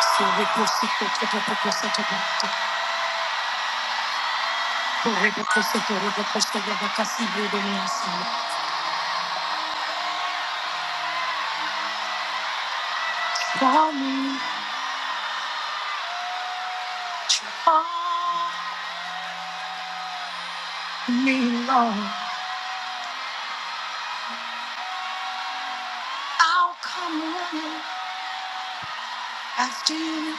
Call me, call me, Lord. I'll come running after you.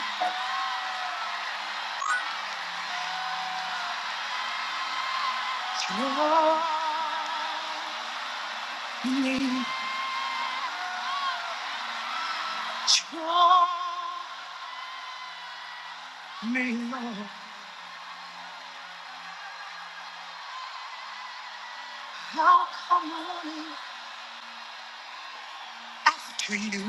Draw me, draw me, Lord. I'll come running after you.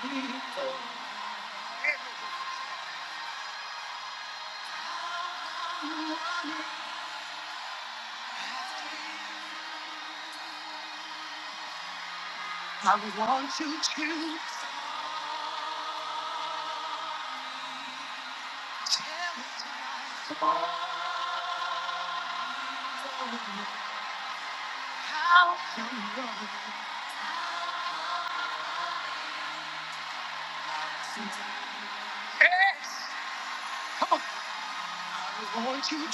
Draw me, Lord. I want you to tell me how I'm Come on, I want you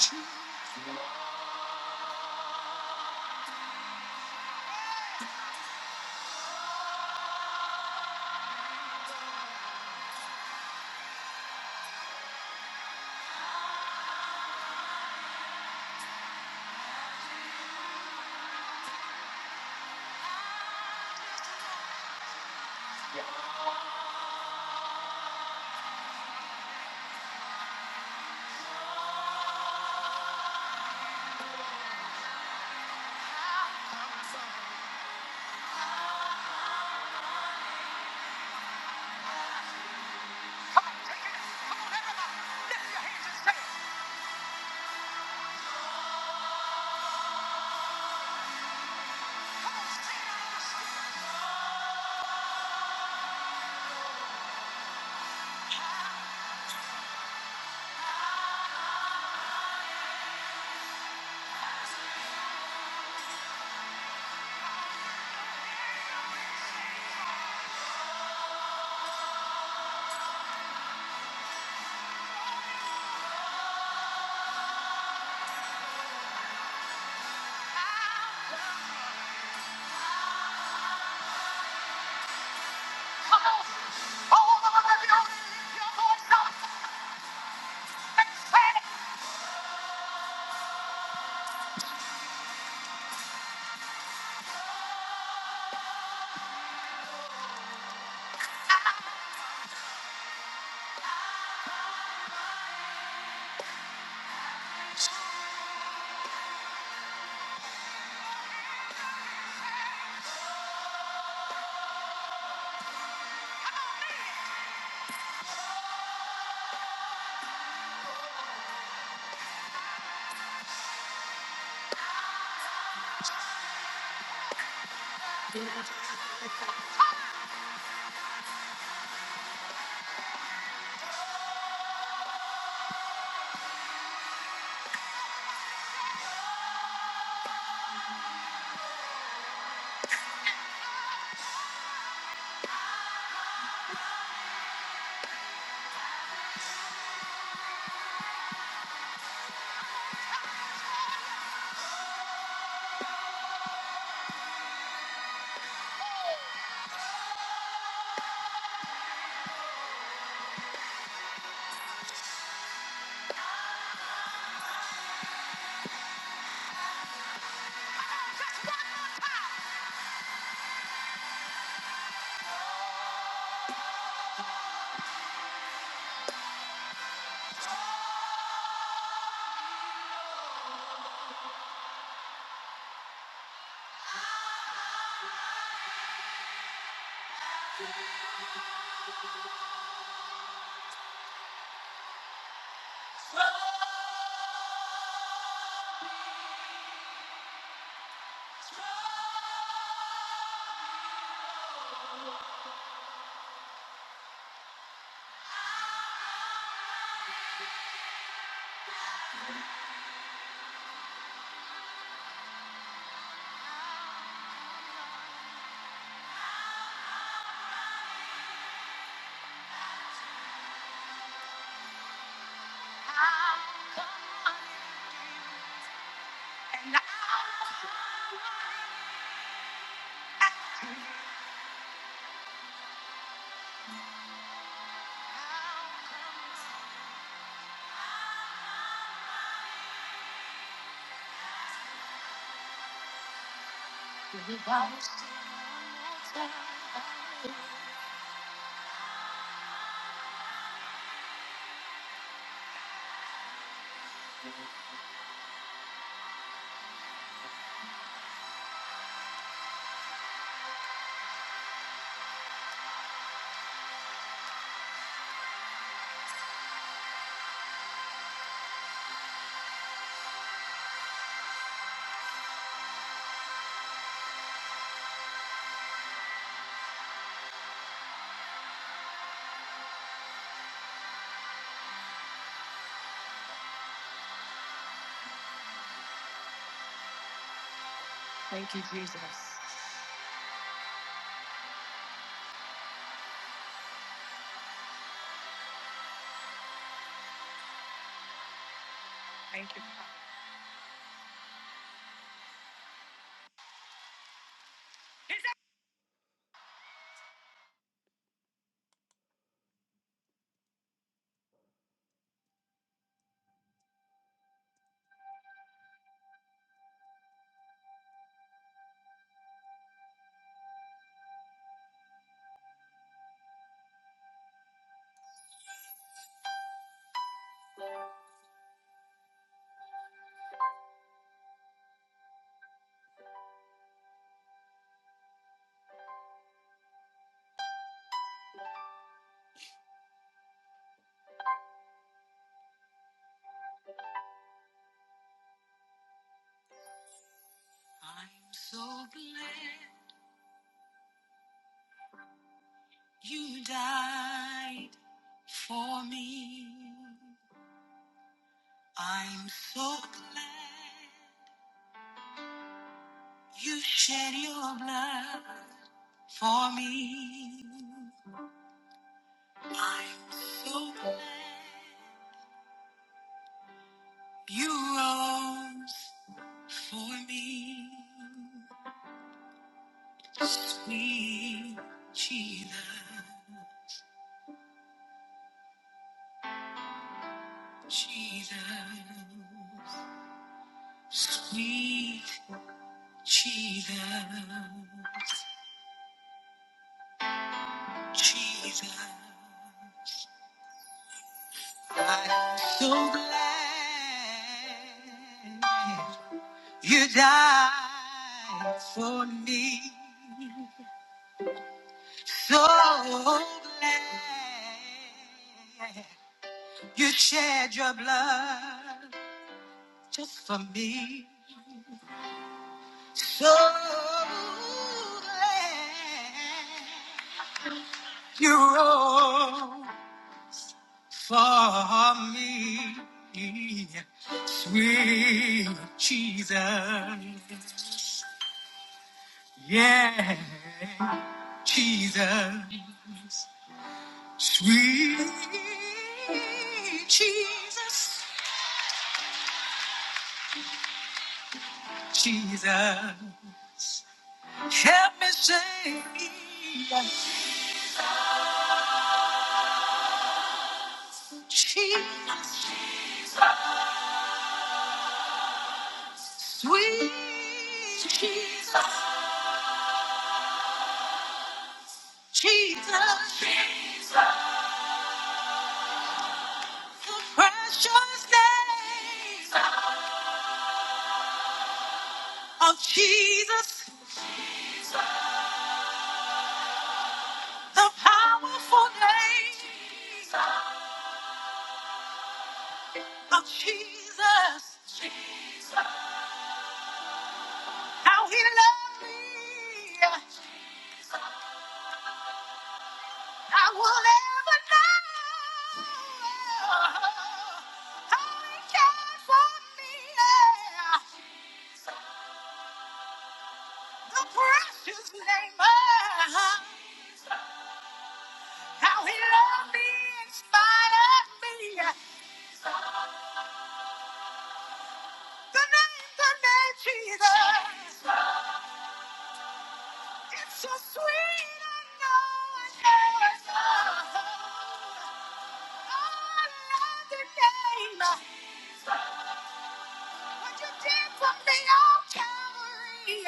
to Thank you, Jesus. Thank you. I'm so glad you died for me. I'm so glad you shed your blood. for me. So glad you rose for me, sweet Jesus, Jesus, sweet Jesus, Jesus. I'm so glad you died for me. So glad You shed your blood just for me. So glad you rose for me. Sweet Jesus. Yeah, Jesus. Sweet Jesus. Jesus. Help me say Jesus. Sweet Jesus, Jesus, the precious name of Jesus, the powerful name of Jesus, how he loved me, I will never know how he cared for me, yeah. the precious name of how he loved me in spite of me. The name, the name Jesus. It's so sweet. I know. I know. I love the name. What you did for me on Calvary.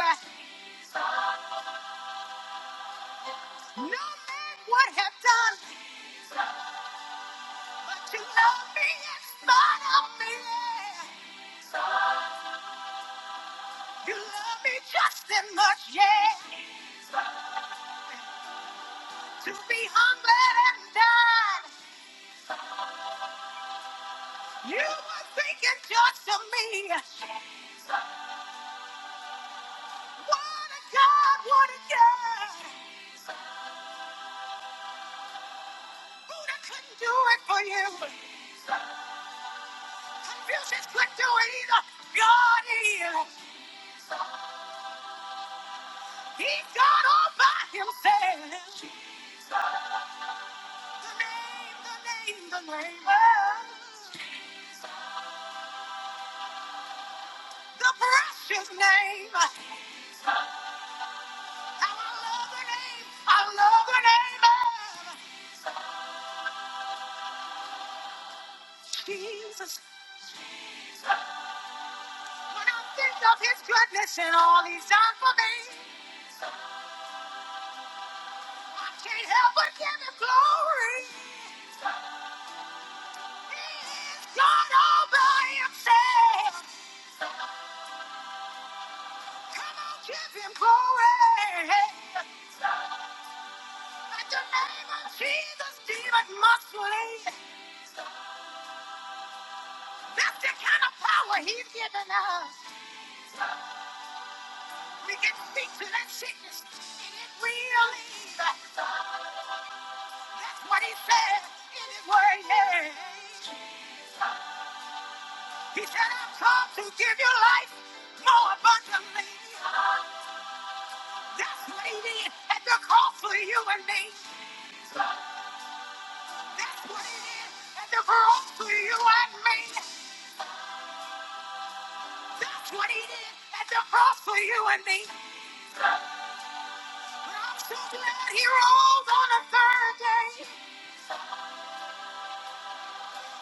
No man would have done, but you love me in spite of me. You love me just as much, yeah. To be humbled and died. You were thinking just of me. What a God, what a God. Buddha couldn't do it for you. Confucius couldn't do it either. God is. He's God all by himself. The name, the name, the name. Oh, the precious name. How I love the name. I love the name of Jesus. When I think of his goodness and all he's done for me, I can't help but give him glory. God all by himself. Come on, give him glory. At the name of Jesus, demon must flee. That's the kind of power he's given us. We can speak to that sickness, and it will leave. That's what he said in his word. yeah. He said, I've come to give you life more abundantly. That's what he did at the cost for you and me. That's what he did at the cross for you and me. That's what he did at the cross for you and me. But I'm so glad he rose on the third day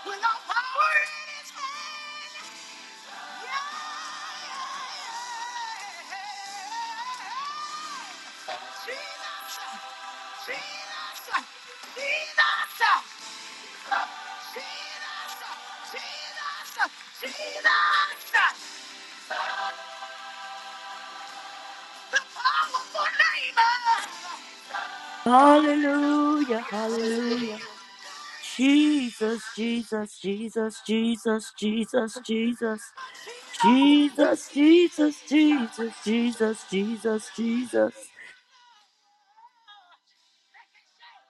with all power in his hand. Yeah. yeah, yeah, yeah. Jesus, Jesus, Jesus, Jesus, Jesus, Jesus. I Powerful name. Hallelujah, hallelujah. Jesus, Jesus, Jesus, Jesus, Jesus, Jesus, Jesus, Jesus, Jesus, Jesus, Jesus, Jesus. They can say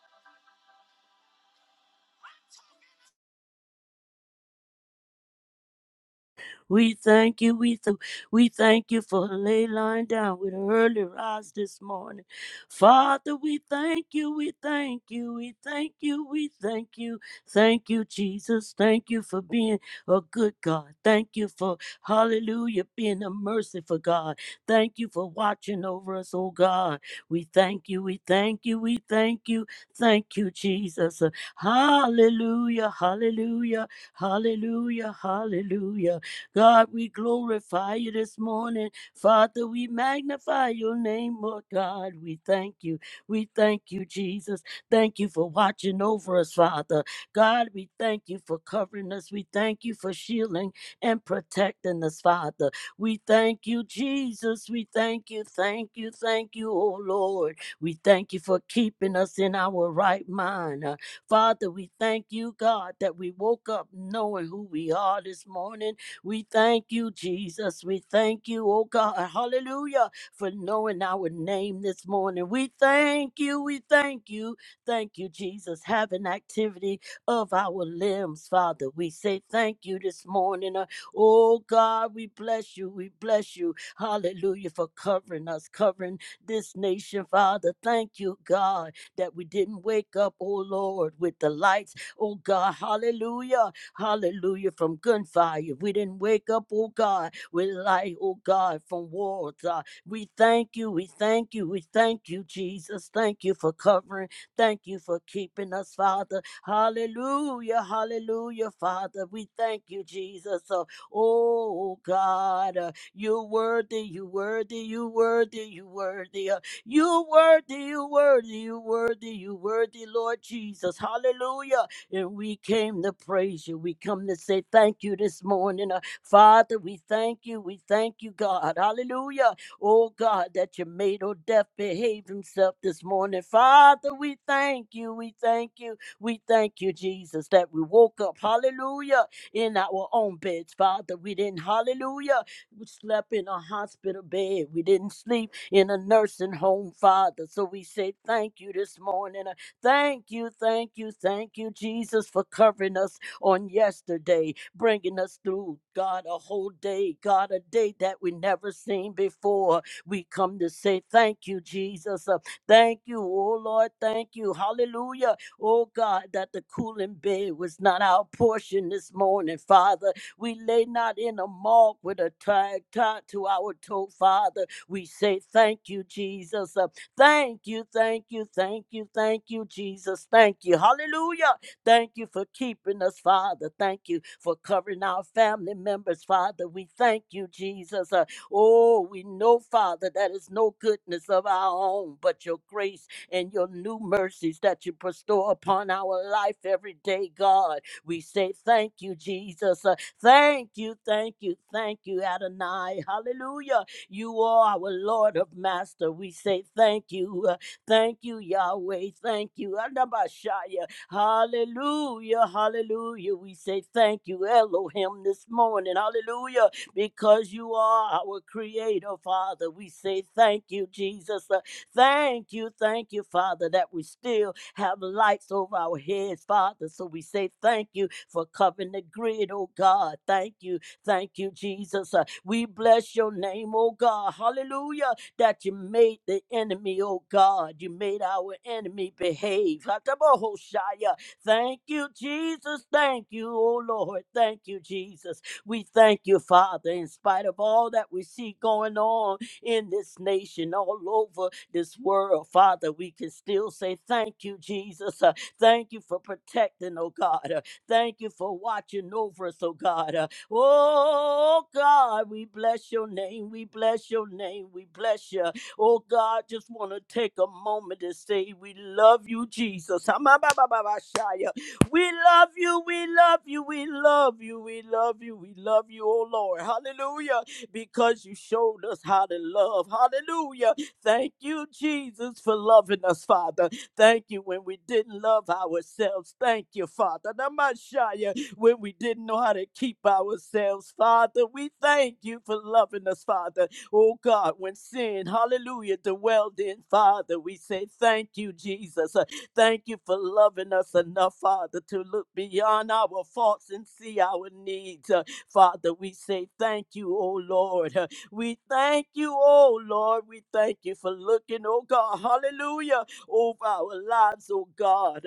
We thank you. We, th- we thank you for lay lying down with an early rise this morning. Father, we thank you. We thank you. We thank you. We thank you. Thank you, Jesus. Thank you for being a good God. Thank you for, hallelujah, being a merciful God. Thank you for watching over us, oh God. We thank you. We thank you. We thank you. Thank you, Jesus. Hallelujah. Hallelujah. Hallelujah, hallelujah. God, we glorify you this morning. Father, we magnify your name, Lord God. We thank you. We thank you, Jesus. Thank you for watching over us, Father. God, we thank you for covering us. We thank you for shielding and protecting us, Father. We thank you, Jesus. We thank you, thank you, thank you, oh Lord. We thank you for keeping us in our right mind. Uh, Father, we thank you, God, that we woke up knowing who we are this morning we thank you, Jesus. We thank you, oh God. Hallelujah. For knowing our name this morning. We thank you. We thank you. Thank you, Jesus. Having activity of our limbs, Father. We say thank you this morning. Uh, Oh God, we bless you. We bless you. Hallelujah. For covering us, covering this nation, Father. Thank you, God, that we didn't wake up, oh Lord, with the lights. Oh God, hallelujah Hallelujah. From gunfire. We didn't wake up, oh God, with light, oh God, from wars. Uh, we thank you. We thank you. We thank you, Jesus. Thank you for covering. Thank you for keeping us, Father. Hallelujah. Hallelujah, Father. We thank you, Jesus. Uh, oh God, uh, you worthy, you worthy, you worthy, you worthy. Uh, you worthy, you worthy, you worthy, you worthy, Lord Jesus. Hallelujah. And we came to praise you. We come to say thank you this morning. Uh, Father, we thank you. We thank you, God. Hallelujah. Oh, God, that you made old death behave himself this morning. Father, we thank you. We thank you. We thank you, Jesus, that we woke up. Hallelujah. In our own beds, Father. We didn't, hallelujah. We slept in a hospital bed. We didn't sleep in a nursing home, Father. So we say thank you this morning. Thank you, thank you, thank you, Jesus, for covering us on yesterday, bringing us through, God, a whole day, God, a day that we never seen before. We come to say thank you, Jesus. Uh, thank you, oh Lord, thank you. Hallelujah. Oh God, that the cooling bed was not our portion this morning, Father. We lay not in a mark with a tag tied to our toe, Father. We say thank you, Jesus. Uh, Thank you, thank you, thank you, thank you, Jesus. Thank you. Hallelujah. Thank you for keeping us, Father. Thank you for covering our family members, Father. We thank you, Jesus. Uh, oh, we know, Father, that is no goodness of our own, but your grace and your new mercies that you bestow upon our life every day, God. We say thank you, Jesus. Uh, thank you, thank you, thank you, Adonai. Hallelujah. You are our Lord of Master. We say thank you. uh, Thank you, Yahweh. Thank you. Adabashaya. Hallelujah. Hallelujah. We say thank you, Elohim, this morning. Hallelujah. Because you are our creator, Father. We say thank you, Jesus. Uh, Thank you. Thank you, Father, that we still have lights over our heads, Father. So we say thank you for covering the grid, oh God. Thank you. Thank you, Jesus. Uh, we bless your name, oh God. Hallelujah. That you made the enemy, oh God. You made our enemy behave. Hatabohoshaya. Thank you, Jesus. Thank you, oh Lord. Thank you, Jesus. We thank you, Father, in spite of all that we see going on in this nation, all over this world, Father, we can still say thank you, Jesus. Uh, thank you for protecting, oh God. Uh, thank you for watching over us, oh God. Uh, Oh God, we bless your name. We bless your name. We bless you. Oh God, just want to take a moment to say we love you, Jesus. Ha-ma-ba-ba-ba-ba-shia. We love you. We love you. We love you. We love you. We love you, oh Lord. Hallelujah. Because you showed us how to love. Hallelujah. Thank you, Jesus, for loving us, Father. Thank you when we didn't love ourselves. Thank you, Father. Namashaya when we didn't know how to keep ourselves, Father. We thank you for loving us, Father. Oh God, when sin, hallelujah, dwelled in, Father, we say thank you, Jesus. Uh, Thank you for loving us enough, Father, to look beyond our faults and see our needs. Uh, Father, we say thank you, oh Lord. Uh, We thank you, oh Lord. We thank you for looking, oh God, hallelujah, over our lives, oh God.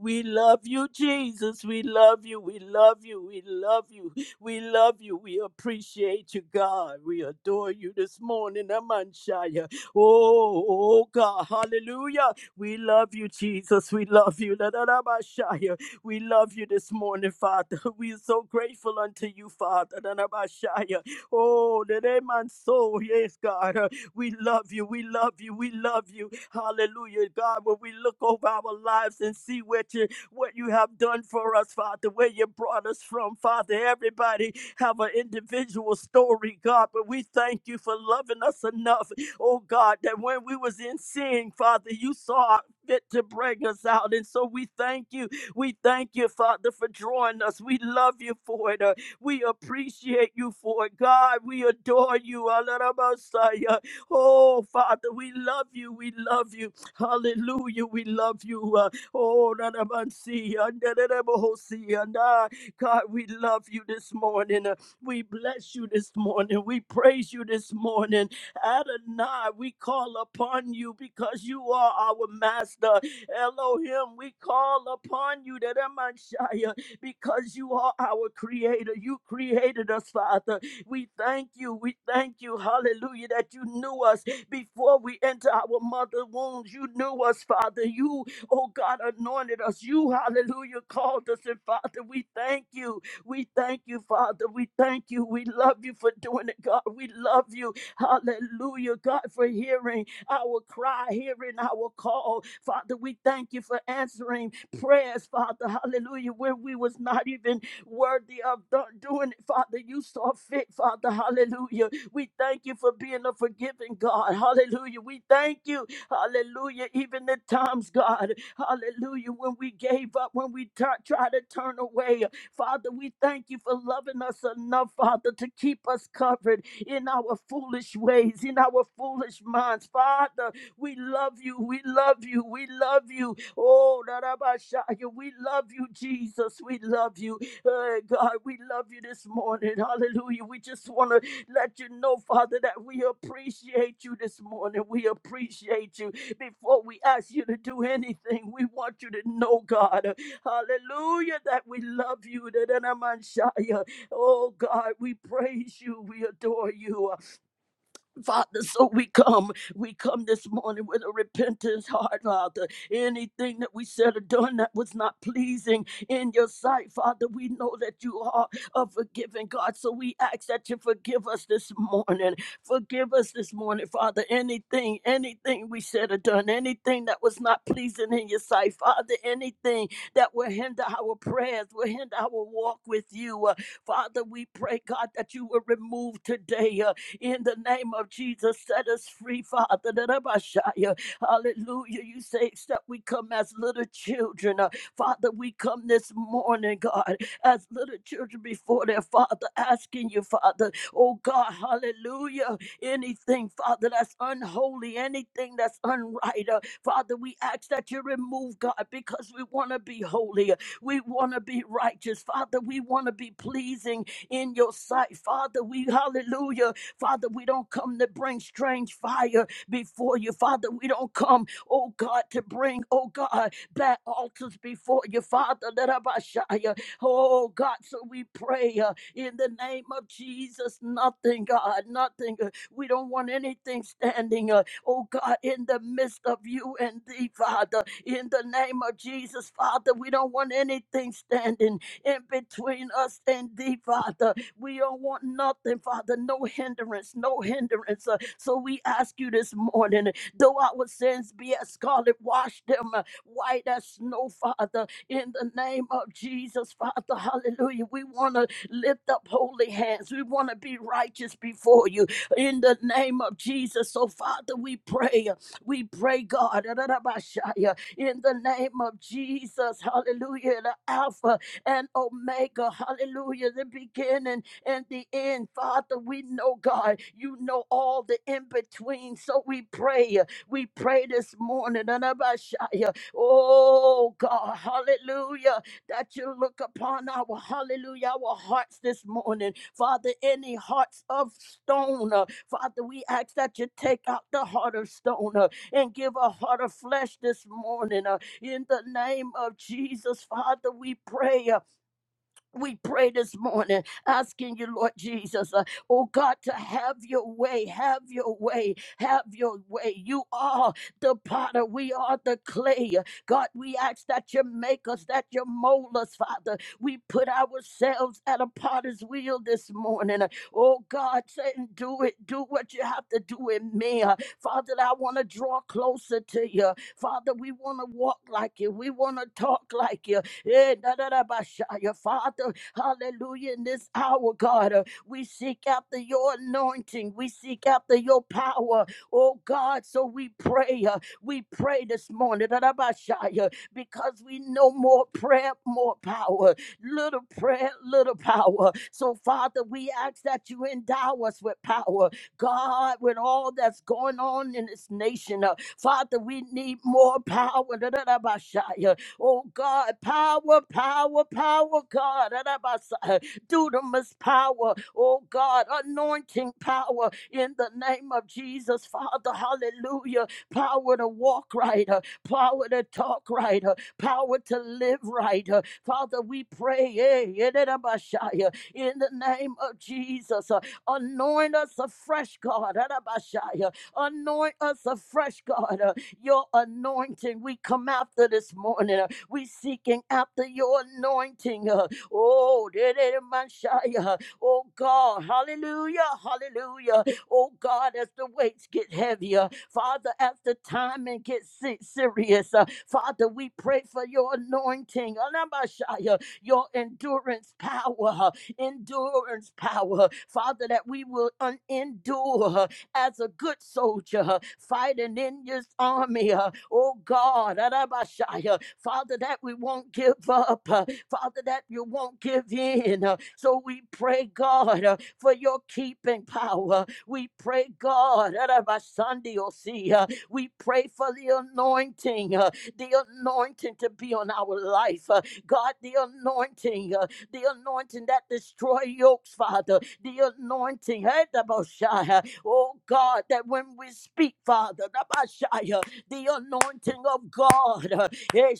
We love you, Jesus. We love you. We love you. We love you. We love you. We appreciate you, God. We adore you this morning, Amanshaya. Oh, oh, God. Hallelujah. We love you, Jesus. We love you. Da, da, da, ba, shaya. We love you this morning, Father. We are so grateful unto you, Father. Da, da, ba, shaya. Oh, that ain't my soul, Yes, God. We love you. We love you. We love you. Hallelujah, God. When we look over our lives and see what you what you have done for us, Father, where you brought us from, Father. Everybody have an individual story, God, but we thank you for loving us enough, oh God, that when we was in sin, Father, you saw fit to bring us out, and so we thank you. We thank you, Father, for drawing us. We love you for it. Uh, we appreciate you for it, God. We adore you. Oh, Father, we love you. We love you. Hallelujah. We love you. Uh, oh, Nanamansi, Andadadabohosi, and, uh, God, we love you this morning. Uh, we bless you this morning. We praise you this morning. Adonai, we call upon you because you are our master. Elohim, we call upon you, Nanamanshaya, because you are our creator. You created us, Father. We thank you. We thank you. Hallelujah. That you knew us before we enter our mother wombs. You knew us, Father. You, oh God, anointed us. You, hallelujah, called us. And Father, we thank you. We thank you, Father. We thank you. We love you for doing it, God. We love you. Hallelujah, God, for hearing our cry, hearing our call. Father, we thank you for answering prayers, Father. Hallelujah. When we was not even worthy of do- doing it, Father. You saw fit, Father. Hallelujah. We thank you for being a forgiving God. Hallelujah. We thank you. Hallelujah. Even at times, God. Hallelujah. When we gave up, when we t- try to turn away, Father, we thank you for loving us enough, Father, to keep us covered in our foolish ways, in our foolish minds. Father, we love you. We love you. We love you. Oh, Rabashaya, we love you, Jesus. We love you. Uh, God, we love you this morning. Hallelujah. We just want to let you know, Father, that we appreciate you this morning. We appreciate you. Before we ask you to do anything, we want you to know, God, uh, hallelujah, that we love you. Da-da-da-man-shia. Oh, God, we praise you. We adore you. Father, so we come. We come this morning with a repentant heart, Father. Anything that we said or done that was not pleasing in your sight, Father, we know that you are a forgiving God. So we ask that you forgive us this morning. Forgive us this morning, Father. Anything, anything we said or done, anything that was not pleasing in your sight, Father, anything that will hinder our prayers, will hinder our walk with you. Uh, Father, we pray, God, that you will remove today. uh, in the name of Jesus. Set us free, Father. da da Hallelujah. You say, except we come as little children. uh, Father, we come this morning, God, as little children before their Father, asking you, Father, oh God, hallelujah. Anything, Father, that's unholy, anything that's unright, uh, Father, we ask that you remove, God, because we want to be holy. uh, We want to be righteous, Father. We want to be pleasing in your sight, Father. We, hallelujah. Father, we don't come to bring strange fire before you. Father, we don't come, oh God, to bring, oh God, bad altars before you. Father, let Abashaya, oh God, so we pray uh, in the name of Jesus, nothing, God, nothing. uh, we don't want anything standing, uh, oh God, in the midst of you and thee, Father, in the name of Jesus, Father, we don't want anything standing in between us and thee, Father. We don't want nothing, Father, no hindrance, no hindrance. Uh, so we ask you this morning, though our sins be as scarlet, wash them uh, white as snow, Father, in the name of Jesus, Father. Hallelujah. We want to lift up holy hands. We want to be righteous before you in the name of Jesus. So, Father, we pray. uh, We pray, God, Ra-ra-ra-ba-shaya, in the name of Jesus. Hallelujah. The Alpha and Omega. Hallelujah. The beginning in the end, Father, we know, God, you know all the in between. So we pray. We pray this morning. Anabashaya. Oh, God, hallelujah, that you look upon our hallelujah, our hearts this morning. Father, any hearts of stone, uh, Father, we ask that you take out the heart of stone uh, and give a heart of flesh this morning. uh, in the name of Jesus, Father, we pray. Uh, we pray this morning, asking you, Lord Jesus, uh, oh God, to have your way, have your way, have your way. You are the potter, we are the clay. God, we ask that you make us, that you mold us, Father. We put ourselves at a potter's wheel this morning. Oh God, saying, do it, do what you have to do in me. Uh, Father, I want to draw closer to you. Father, we want to walk like you, we want to talk like you. Eh, da, da, da, ba, sha, Your Father, hallelujah, in this hour, God, uh, we seek after your anointing. We seek after your power, oh God. So we pray. uh, We pray this morning, da, da, ba, sha, yeah, because we know more prayer, more power. Little prayer, little power. So, Father, we ask that you endow us with power. God, with all that's going on in this nation, uh, Father, we need more power. da, da, da, ba, sha, yeah. Oh God, power, power, power, God. Arabasa- Dunamis power, oh God, anointing power in the name of Jesus, Father, hallelujah. Power to walk right, uh, power to talk right, uh, power to live right. uh. Father, we pray eh, in the name of Jesus. uh, Anoint us afresh, God. adabashaya. Anoint us afresh, God. uh, Your anointing, we come after this morning. We seeking after your anointing. uh, Oh, de- de- de- Messiah. Oh God, hallelujah, hallelujah. Oh God, as the weights get heavier, Father, as the timing gets se- serious, uh, Father, we pray for your anointing, Alabashaya, your endurance power, uh, endurance power, Father, that we will un- endure uh, as a good soldier uh, fighting in your army. uh, Oh God, Arabashaya. Father, that we won't give up. uh, Father, that you won't give in. uh, So we pray, God, uh, for your keeping power. We pray, God, Arabasandiosi, uh, we pray for the anointing, uh, the anointing to be on our life. uh, God, the anointing. uh, the anointing that destroy yokes, Father, the anointing, eh, the oh God, that when we speak, Father, the Messiah, the anointing of God, uh, eh,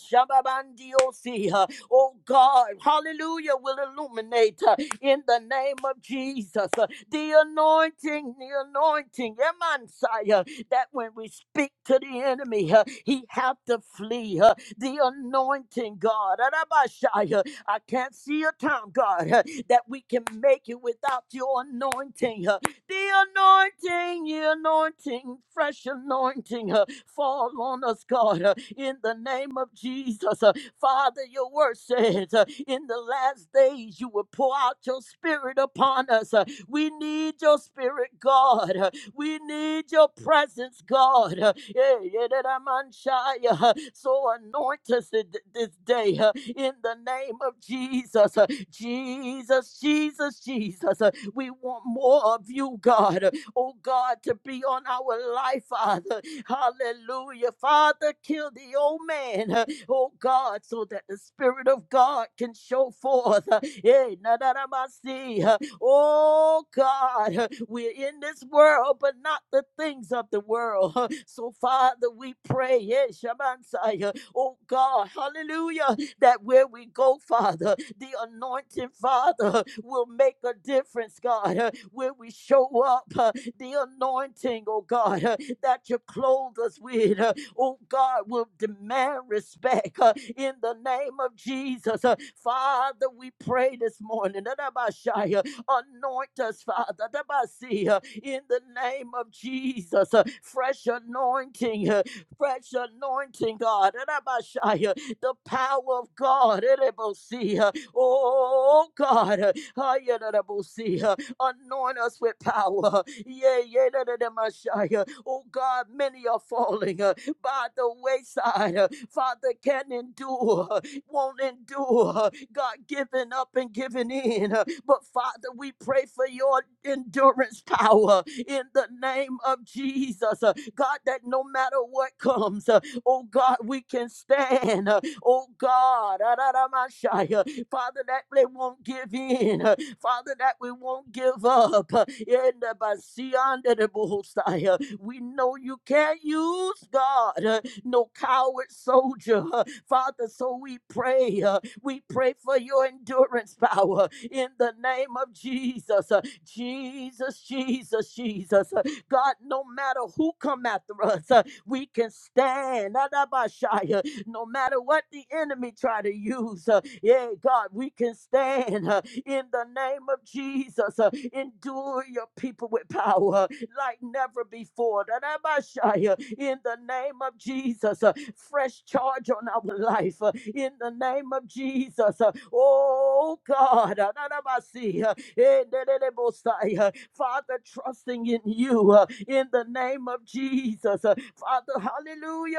uh, oh God, hallelujah, will illuminate uh, in the name of Jesus, uh, the anointing, the anointing, Emansaya, that when we speak to the enemy, uh, he have to flee, uh, the anointing, God, Arabashaya, I can't see a time, God, uh, that we can make it without your anointing. uh, The anointing, the anointing, fresh anointing, uh, fall on us, God, uh, in the name of Jesus. uh, Father, your word says uh, in the last days you will pour out your spirit upon us. uh, We need your spirit, God. huh. We need your presence, God. Uh, yeah, yeah, that I'm unshia. Uh, So anoint us this day uh, in the name of Jesus. Uh, Jesus, Jesus, Jesus. Uh, We want more of you, God. Uh, Oh, God, to be on our life, Father. Hallelujah. Father, kill the old man, uh, oh God, so that the Spirit of God can show forth. uh, eh, na, na, na, ma, see, uh, Oh God, uh, we're in this world, but not the things of the world. uh, So, Father, we pray, eh, Shabansai, uh, oh God, hallelujah, that where we go, Father, the anointing, Father, uh, will make a difference, God, uh, where we show up, uh, the anointing, oh God. uh, that you clothe us with. Uh, oh God, will demand respect uh, in the name of Jesus. Uh, Father, we pray this morning. that uh, Anoint us, Father, that uh, in the name of Jesus. Uh, Fresh anointing, uh, fresh anointing, God. that uh, The power of God. that uh, Oh God, uh, Hi, Anoint us with power. Yeah, yeah, da, da, da, Messiah. Oh God, many are falling uh, by the wayside. uh, Father, can endure, uh, won't endure. uh, God, giving up and giving in. uh, But Father, we pray for your endurance power in the name of Jesus. uh, God, that no matter what comes, uh, oh God, we can stand. uh, Oh God, ah, da, da, Messiah. Father, that they won't give in. Uh, Father, that we won't give up. In the Basianda de Bohosaya, we know you can't use God, uh, no coward soldier. uh, Father, so we pray. uh, We pray for your endurance power in the name of Jesus. uh, Jesus, Jesus, Jesus. uh, God, no matter who come after us, uh, we can stand. Adabashaya. No matter what the enemy try to use, uh, yeah, God, we can stand in the name of Jesus. Uh, Endure your people with power like never before. da In the name of Jesus, uh, fresh charge on our life. uh, In the name of Jesus, Uh, oh God, da-da-ba-sia. Eh, da Father, trusting in you uh, in the name of Jesus. Uh, Father, hallelujah.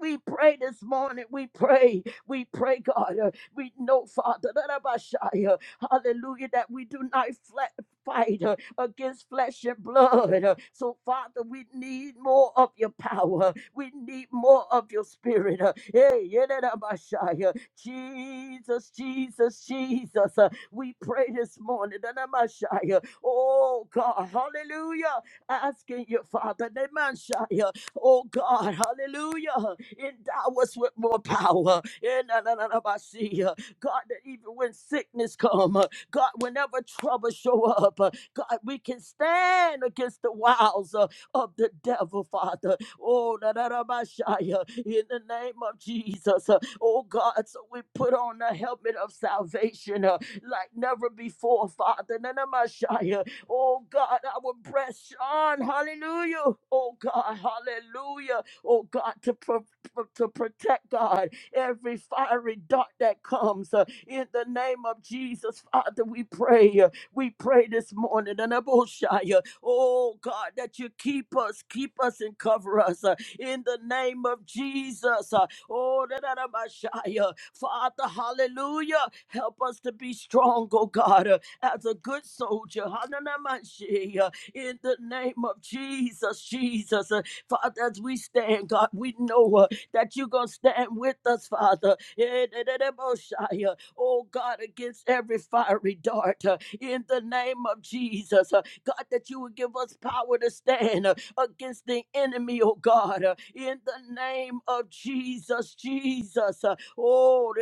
We pray this morning. We pray. We pray, God. Uh, We know, Father, that about shy, uh, hallelujah, that we do not fla- fight uh, against flesh and blood. Uh, So, Father, we need more of your power. We need more of your spirit. Uh, Hey, yeah, that about shy, uh, Jesus, Jesus, Jesus. Uh, We pray this morning. that about shy, uh, Oh, God, hallelujah. Asking you, Father, that about shy, uh, Oh God, hallelujah. Endow us with more power. Eh, na, na, na, na, ba, see, uh, God, that even when sickness come, uh, God, whenever trouble show up, uh, God, we can stand against the wiles uh, of the devil, Father. Oh, na, na, na, ba, shi, uh, in the name of Jesus. uh, Oh God, so we put on the helmet of salvation uh, like never before, Father. Na, na, ma, shi, uh, Oh God, our breast on. Hallelujah. Oh God, hallelujah. Oh God, to, pro- pro- to protect God every fiery dart that comes. uh, in the name of Jesus, Father, we pray. uh, we pray this morning. And Abosha, oh God, that you keep us, keep us and cover us uh, in the name of Jesus. uh, oh, da- da- da- Messiah. Father, hallelujah. Help us to be strong, oh God. uh, as a good soldier. Hananamashiach, In the name of Jesus, Jesus. Uh, Father, as we stand, God, we know uh, that you're going to stand with us, Father. Eh, Oh, God, against every fiery dart uh, in the name of Jesus. Uh, God, that you would give us power to stand uh, against the enemy, oh God, uh, in the name of Jesus, Jesus. uh, Oh,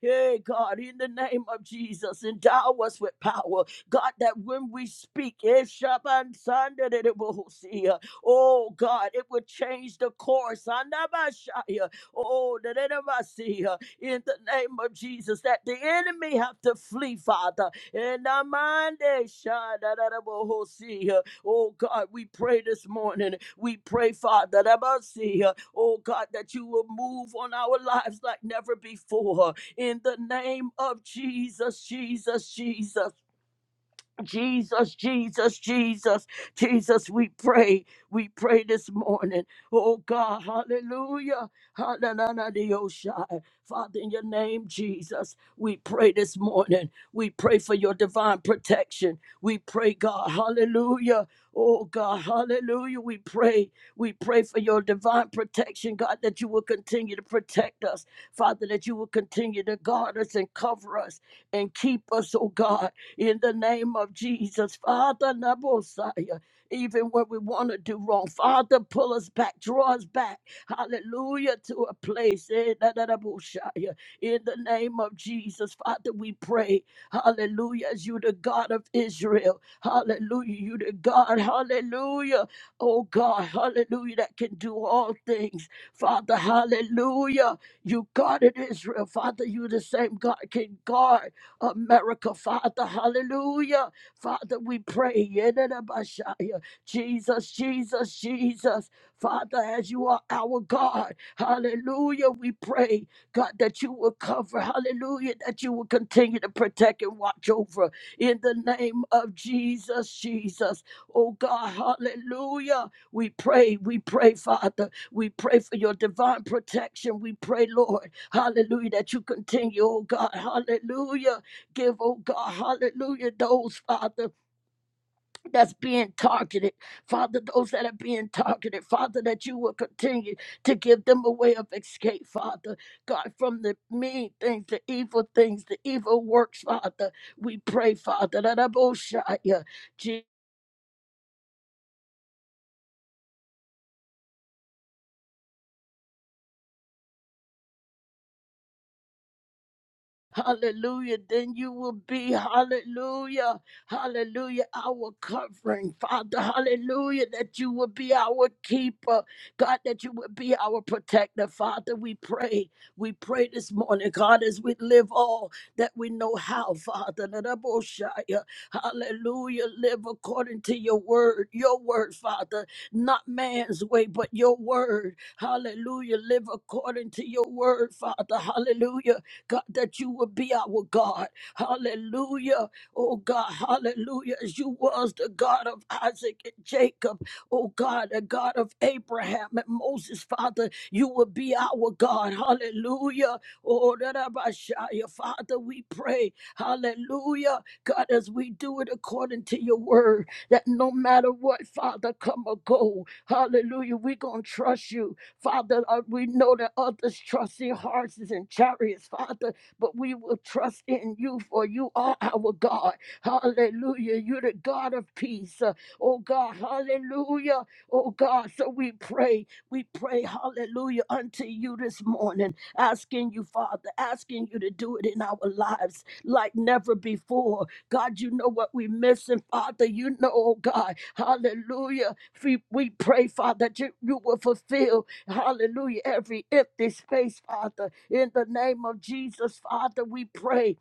Hey, God, in the name of Jesus, endow us with power. God, that when we speak, eh, Shaban Sanda de de Bohosia, oh God, it would change the course. Andabashaya, Oh, da de de Basia, in the name of Jesus, that the enemy have to flee, Father. And Amande Shada da de Bohosia. Oh God, we pray this morning. We pray, Father, that I must see, uh, oh God, that you will move on our lives like never before in the name of Jesus, Jesus, Jesus. Jesus, Jesus, Jesus, Jesus, we pray. We pray this morning. Oh God, hallelujah. Hallelujah. Father, in your name, Jesus, we pray this morning. We pray for your divine protection. We pray, God, hallelujah. Oh God, hallelujah. We pray. We pray for your divine protection, God, that you will continue to protect us. Father, that you will continue to guard us and cover us and keep us, oh God in the name of Jesus. Father, Nabosaya, even when we want to do wrong, Father, pull us back, draw us back, hallelujah, to a place eh, da, da, da, Boshaya. in the name of Jesus. Father, we pray, hallelujah, as you the God of Israel, hallelujah, you the God, hallelujah, oh God, hallelujah, that can do all things. Father, hallelujah, you guarded Israel. Father, you the same God can guard. America, Father. Hallelujah. Father, we pray. Yedidabashaya. Jesus, Jesus, Jesus. Father, as you are our God, hallelujah, we pray, God, that you will cover, hallelujah, that you will continue to protect and watch over in the name of Jesus, Jesus. Oh God, hallelujah. We pray, we pray, Father. We pray for your divine protection. We pray, Lord, hallelujah, that you continue, oh God, hallelujah give, oh God, hallelujah, those, Father, that's being targeted. Father, those that are being targeted, Father, that you will continue to give them a way of escape, Father. God, from the mean things, the evil things, the evil works, Father. We pray, Father, that I Hallelujah. Then you will be, hallelujah, hallelujah, our covering, Father. Hallelujah. That you will be our keeper. God, that you will be our protector, Father. We pray. We pray this morning, God, as we live all that we know how, Father. Nadaboshaya. Hallelujah. Live according to your word, your word, Father. Not man's way, but your word. Hallelujah. Live according to your word, Father. Hallelujah God, that you would be our God. Hallelujah. Oh God, hallelujah. As you was the God of Isaac and Jacob, oh God, the God of Abraham and Moses, Father, you would be our God. Hallelujah. Oh, that I might shout Father, we pray. Hallelujah. God, as we do it according to your word, that no matter what, Father, come or go. Hallelujah. We're going to trust you. Father, uh, we know that others trust in horses and chariots, Father, but we will trust in you, for you are our God. Hallelujah. You're the God of peace. Uh, oh God, hallelujah. Oh God, so we pray, we pray, hallelujah, unto you this morning, asking you, Father, asking you to do it in our lives like never before. God, you know what we're missing, Father. You know, oh God, hallelujah. We, we pray, Father, that you, you will fulfill Hallelujah. Every empty space, Father. In the name of Jesus, Father, we pray.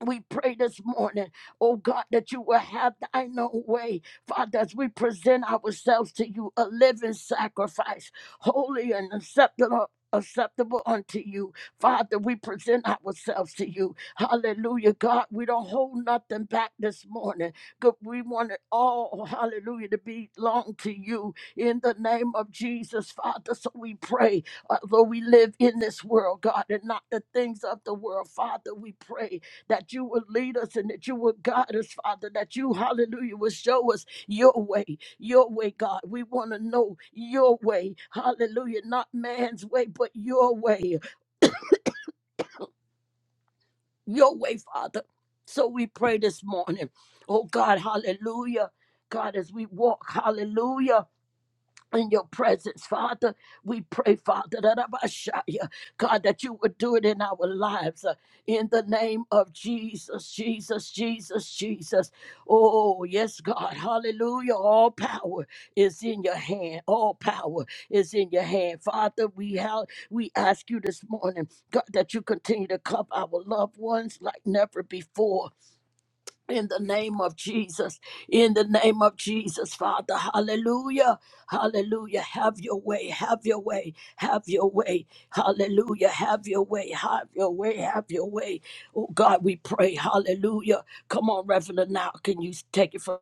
We pray this morning, oh God, that you will have thine own way. Father, as we present ourselves to you, a living sacrifice, holy and acceptable. Acceptable unto you, Father. We present ourselves to you. Hallelujah, God. We don't hold nothing back this morning. God, we want it all, hallelujah, to belong to you in the name of Jesus, Father. So we pray, although we live in this world, God, and not the things of the world, Father. We pray that you would lead us and that you would guide us, Father, that you, hallelujah, would show us your way, your way, God. We want to know your way, hallelujah, not man's way, but your way, your way, Father. So we pray this morning, oh God, hallelujah. God, as we walk, hallelujah. in your presence, Father. We pray, Father, that Abashaya, God, that you would do it in our lives uh, in the name of Jesus, Jesus, Jesus, Jesus. Oh, yes, God. Hallelujah. All power is in your hand. All power is in your hand. Father, we have we ask you this morning, God, that you continue to cover our loved ones like never before in the name of Jesus, in the name of Jesus, Father, hallelujah, hallelujah. Have your way, have your way, have your way, hallelujah, have your way, have your way, have your way. Oh God, we pray, hallelujah. Come on, Reverend, now can you take it from?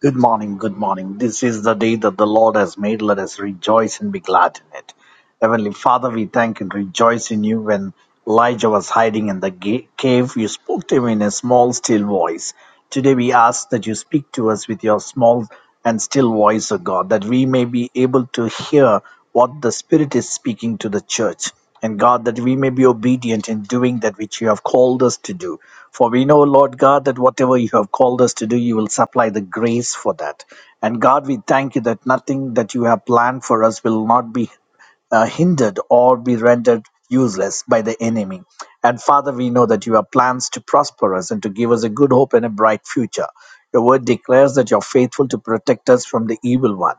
Good morning, good morning. This is the day that the Lord has made. Let us rejoice and be glad in it. Heavenly Father, we thank and rejoice in you. When Elijah was hiding in the ga- cave, you spoke to him in a small, still voice. Today we ask that you speak to us with your small and still voice, O God, that we may be able to hear what the Spirit is speaking to the church. And God, that we may be obedient in doing that which you have called us to do. For we know, Lord God, that whatever you have called us to do, you will supply the grace for that. And God, we thank you that nothing that you have planned for us will not be uh, hindered or be rendered useless by the enemy. And Father, we know that you have plans to prosper us and to give us a good hope and a bright future. Your word declares that you're faithful to protect us from the evil one.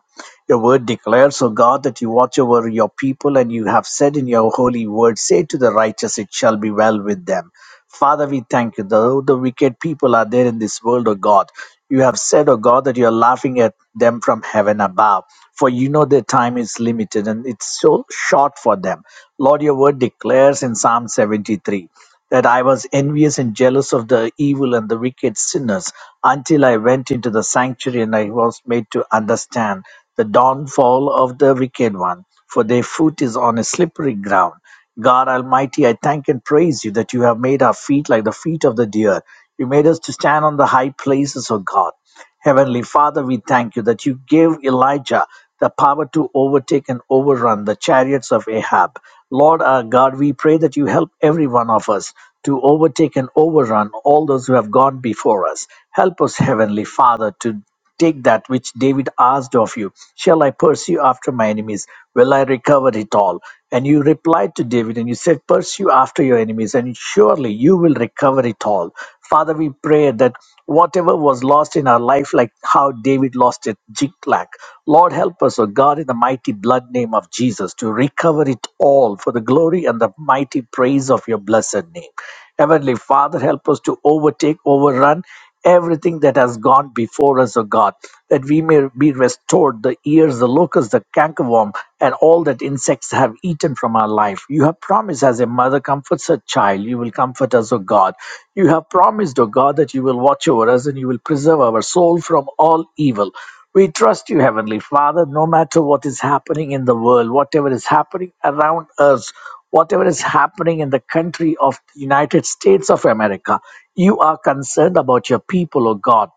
Your word declares, O God, that you watch over your people, and you have said in your holy word, Say to the righteous, it shall be well with them. Father, we thank you. Though the wicked people are there in this world, O God, you have said, O God, that you are laughing at them from heaven above. For you know their time is limited and it's so short for them. Lord, your word declares in Psalm 73 that I was envious and jealous of the evil and the wicked sinners until I went into the sanctuary and I was made to understand the downfall of the wicked one, for their foot is on a slippery ground. God Almighty, I thank and praise you that you have made our feet like the feet of the deer. You made us to stand on the high places, O God. Heavenly Father, we thank you that you gave Elijah the power to overtake and overrun the chariots of Ahab. Lord our God, we pray that you help every one of us to overtake and overrun all those who have gone before us. Help us, Heavenly Father, to Take that which David asked of you. Shall I pursue after my enemies? Will I recover it all? And you replied to David and you said, Pursue after your enemies, and surely you will recover it all. Father, we pray that whatever was lost in our life, like how David lost it, Ziklag, Lord, help us, O God, in the mighty blood name of Jesus, to recover it all for the glory and the mighty praise of your blessed name. Heavenly Father, help us to overtake, overrun everything that has gone before us, O God, that we may be restored the ears, the locusts, the cankerworm, and all that insects have eaten from our life. You have promised, as a mother comforts her child, you will comfort us, O God. You have promised, O God, that you will watch over us and you will preserve our soul from all evil. We trust you, Heavenly Father, no matter what is happening in the world, whatever is happening around us whatever is happening in the country of the United States of America. You are concerned about your people, O God.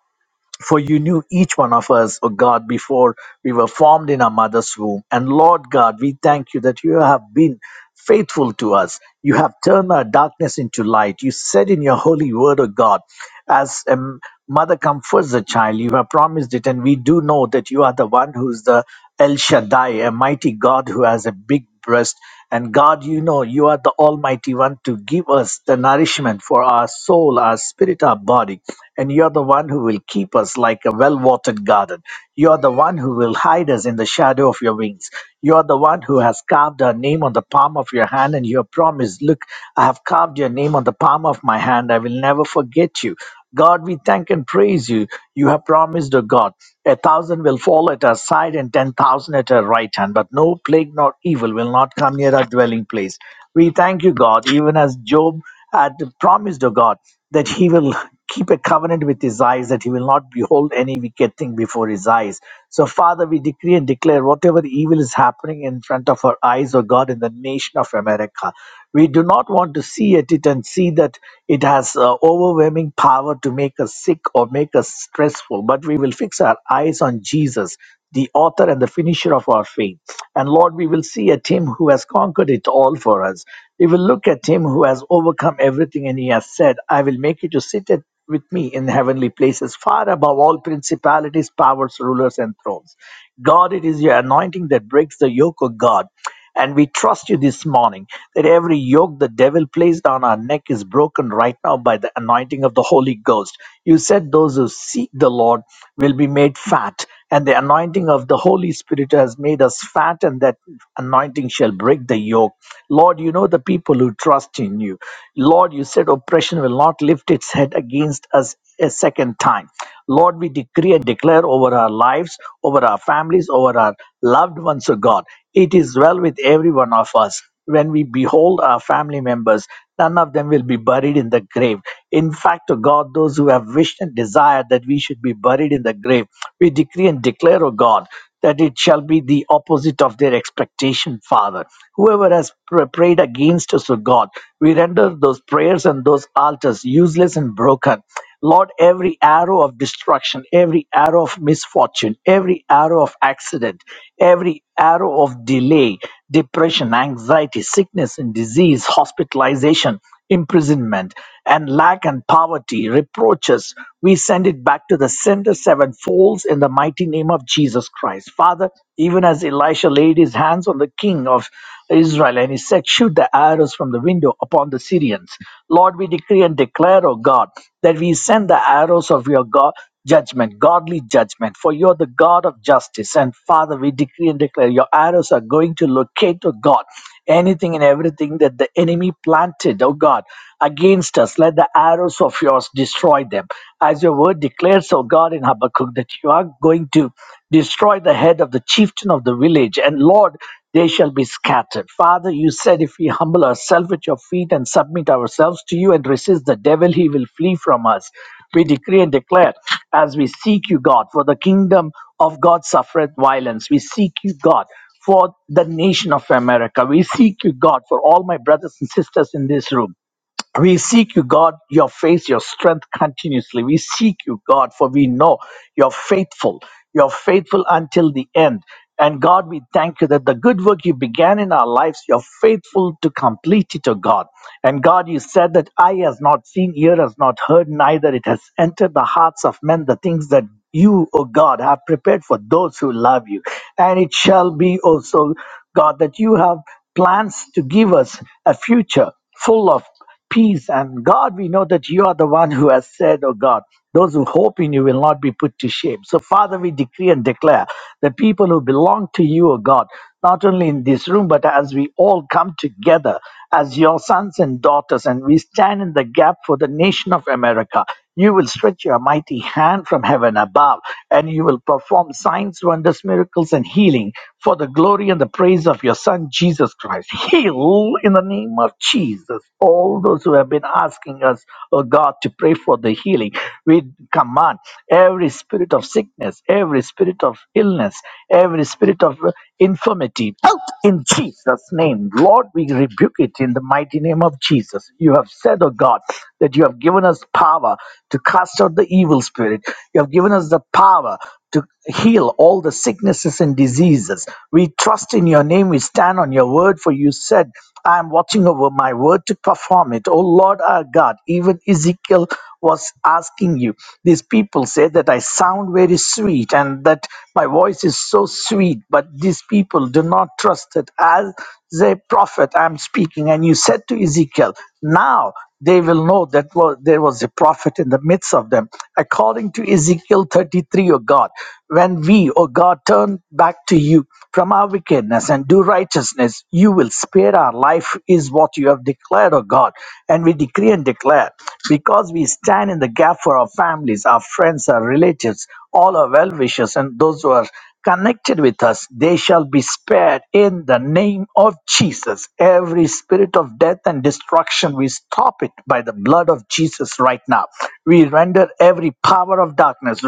For you knew each one of us, O God, before we were formed in our mother's womb. And Lord God, we thank you that you have been faithful to us. You have turned our darkness into light. You said in your holy word, O God, as a m- mother comforts the child, you have promised it. And we do know that you are the one who is the El Shaddai, a mighty God who has a big breast. And God, you know, you are the Almighty One to give us the nourishment for our soul, our spirit, our body. And you are the one who will keep us like a well watered garden. You are the one who will hide us in the shadow of your wings. You are the one who has carved our name on the palm of your hand, and you have promised, Look, I have carved your name on the palm of my hand. I will never forget you. God, we thank and praise you. You have promised, O God, a thousand will fall at our side and ten thousand at our right hand, but no plague nor evil will not come near our dwelling place. We thank you, God, even as Job had promised, O God, that he will keep a covenant with his eyes, that he will not behold any wicked thing before his eyes. So, Father, we decree and declare whatever evil is happening in front of our eyes, O God, in the nation of America. We do not want to see at it and see that it has uh, overwhelming any power to make us sick or make us stressful, but we will fix our eyes on Jesus, the author and the finisher of our faith. And Lord, we will see at him who has conquered it all for us. We will look at him who has overcome everything, and he has said, I will make you to sit at with me in heavenly places, far above all principalities, powers, rulers, and thrones. God, it is your anointing that breaks the yoke of God. And we trust you this morning that every yoke the devil placed on our neck is broken right now by the anointing of the Holy Ghost. You said those who seek the Lord will be made fat, and the anointing of the Holy Spirit has made us fat, and that anointing shall break the yoke. Lord, you know the people who trust in you. Lord, you said oppression will not lift its head against us a second time. Lord, we decree and declare declare over our lives, over our families, over our loved ones, O God. It is well with every one of us. When we behold our family members, none of them will be buried in the grave. In fact, O God, those who have wished and desired that we should be buried in the grave, we decree and declare, O God that it shall be the opposite of their expectation, Father. Whoever has pr- prayed against us, O God, we render those prayers and those altars useless and broken. Lord, every arrow of destruction, every arrow of misfortune, every arrow of accident, every arrow of delay, depression, anxiety, sickness and disease, hospitalization imprisonment, and lack and poverty, reproaches, we send it back to the sender sevenfold in the mighty name of Jesus Christ. Father, even as Elisha laid his hands on the king of Israel and he said, Shoot the arrows from the window upon the Syrians. Lord, we decree and declare, O God, that we send the arrows of your God judgment, godly judgment, for you're the God of justice. And Father, we decree and declare your arrows are going to locate, oh God, anything and everything that the enemy planted, oh God, against us. Let the arrows of yours destroy them. As your word declares, oh God, in Habakkuk, that you are going to destroy the head of the chieftain of the village. And Lord, they shall be scattered. Father, you said if we humble ourselves at your feet and submit ourselves to you and resist the devil, he will flee from us. We decree and declare as we seek you, God, for the kingdom of God suffereth violence. We seek you, God, for the nation of America. We seek you, God, for all my brothers and sisters in this room. We seek you, God, your face, your strength continuously. We seek you, God, for we know you're faithful. You're faithful until the end. And God, we thank you that the good work you began in our lives, you're faithful to complete it, O God. And God, you said that eye has not seen, ear has not heard, neither it has entered the hearts of men the things that you, O God, have prepared for those who love you. And it shall be also, God, that you have plans to give us a future full of peace. And God, we know that you are the one who has said, Oh God, those who hope in you will not be put to shame. So, Father, we decree and declare that people who belong to you, oh God, not only in this room, but as we all come together as your sons and daughters, and we stand in the gap for the nation of America, you will stretch your mighty hand from heaven above, and you will perform signs, wonders, miracles, and healing for the glory and the praise of your Son, Jesus Christ. Heal in the name of Jesus. Jesus, all those who have been asking us, oh God, to pray for the healing, we command every spirit of sickness, every spirit of illness, every spirit of infirmity out in Jesus' name. Lord, we rebuke it in the mighty name of Jesus. You have said, oh God, that you have given us power to cast out the evil spirit. You have given us the power to heal all the sicknesses and diseases. We trust in your name. We stand on your word, for you said I am watching over my word to perform it. O Lord our God, even Ezekiel was asking you. These people say that I sound very sweet and that my voice is so sweet, but these people do not trust it. As a prophet, I'm speaking. And you said to Ezekiel, Now they will know that wa- there was a prophet in the midst of them. According to Ezekiel 33, O God, when we, O God, turn back to you from our wickedness and do righteousness, you will spare our life, is what you have declared, O God. And we decree and declare because we stand in the gap for our families, our friends, our relatives, all our well wishers, and those who are connected with us, they shall be spared in the name of Jesus. Every spirit of death and destruction, we stop it by the blood of Jesus right now. We render every power of darkness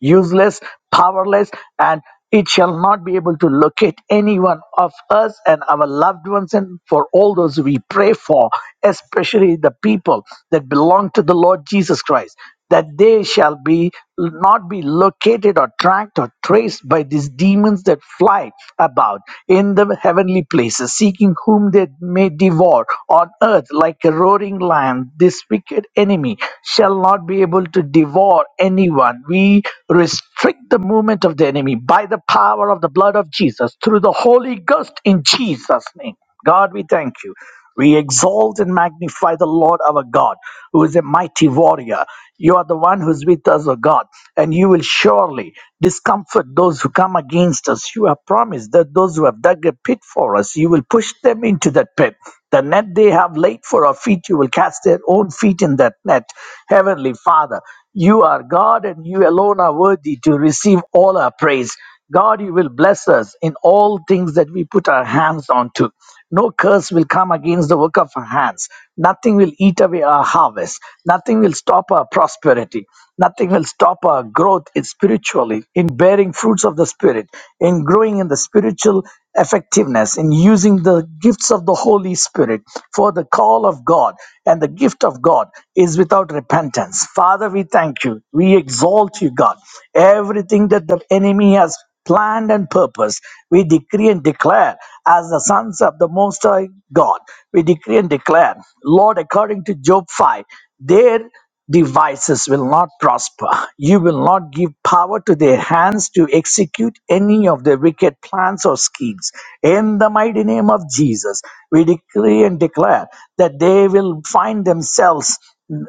useless, powerless, and it shall not be able to locate any one of us and our loved ones and for all those we pray for especially the people that belong to the lord jesus christ that they shall be not be located or tracked or traced by these demons that fly about in the heavenly places seeking whom they may devour on earth like a roaring lion this wicked enemy shall not be able to devour anyone we restrict the movement of the enemy by the power of the blood of jesus through the holy ghost in jesus name god we thank you we exalt and magnify the Lord our God, who is a mighty warrior. You are the one who's with us, O God, and you will surely discomfort those who come against us. You have promised that those who have dug a pit for us, you will push them into that pit. The net they have laid for our feet, you will cast their own feet in that net. Heavenly Father, you are God and you alone are worthy to receive all our praise. God, you will bless us in all things that we put our hands onto. No curse will come against the work of our hands. Nothing will eat away our harvest. Nothing will stop our prosperity. Nothing will stop our growth in spiritually, in bearing fruits of the Spirit, in growing in the spiritual effectiveness in using the gifts of the Holy Spirit for the call of God. And the gift of God is without repentance. Father, we thank you. We exalt you, God. Everything that the enemy has planned and purposed, we decree and declare as the sons of the Most High God. We decree and declare, Lord, according to Job 5, there devices will not prosper. You will not give power to their hands to execute any of their wicked plans or schemes. In the mighty name of Jesus, we decree and declare that they will find themselves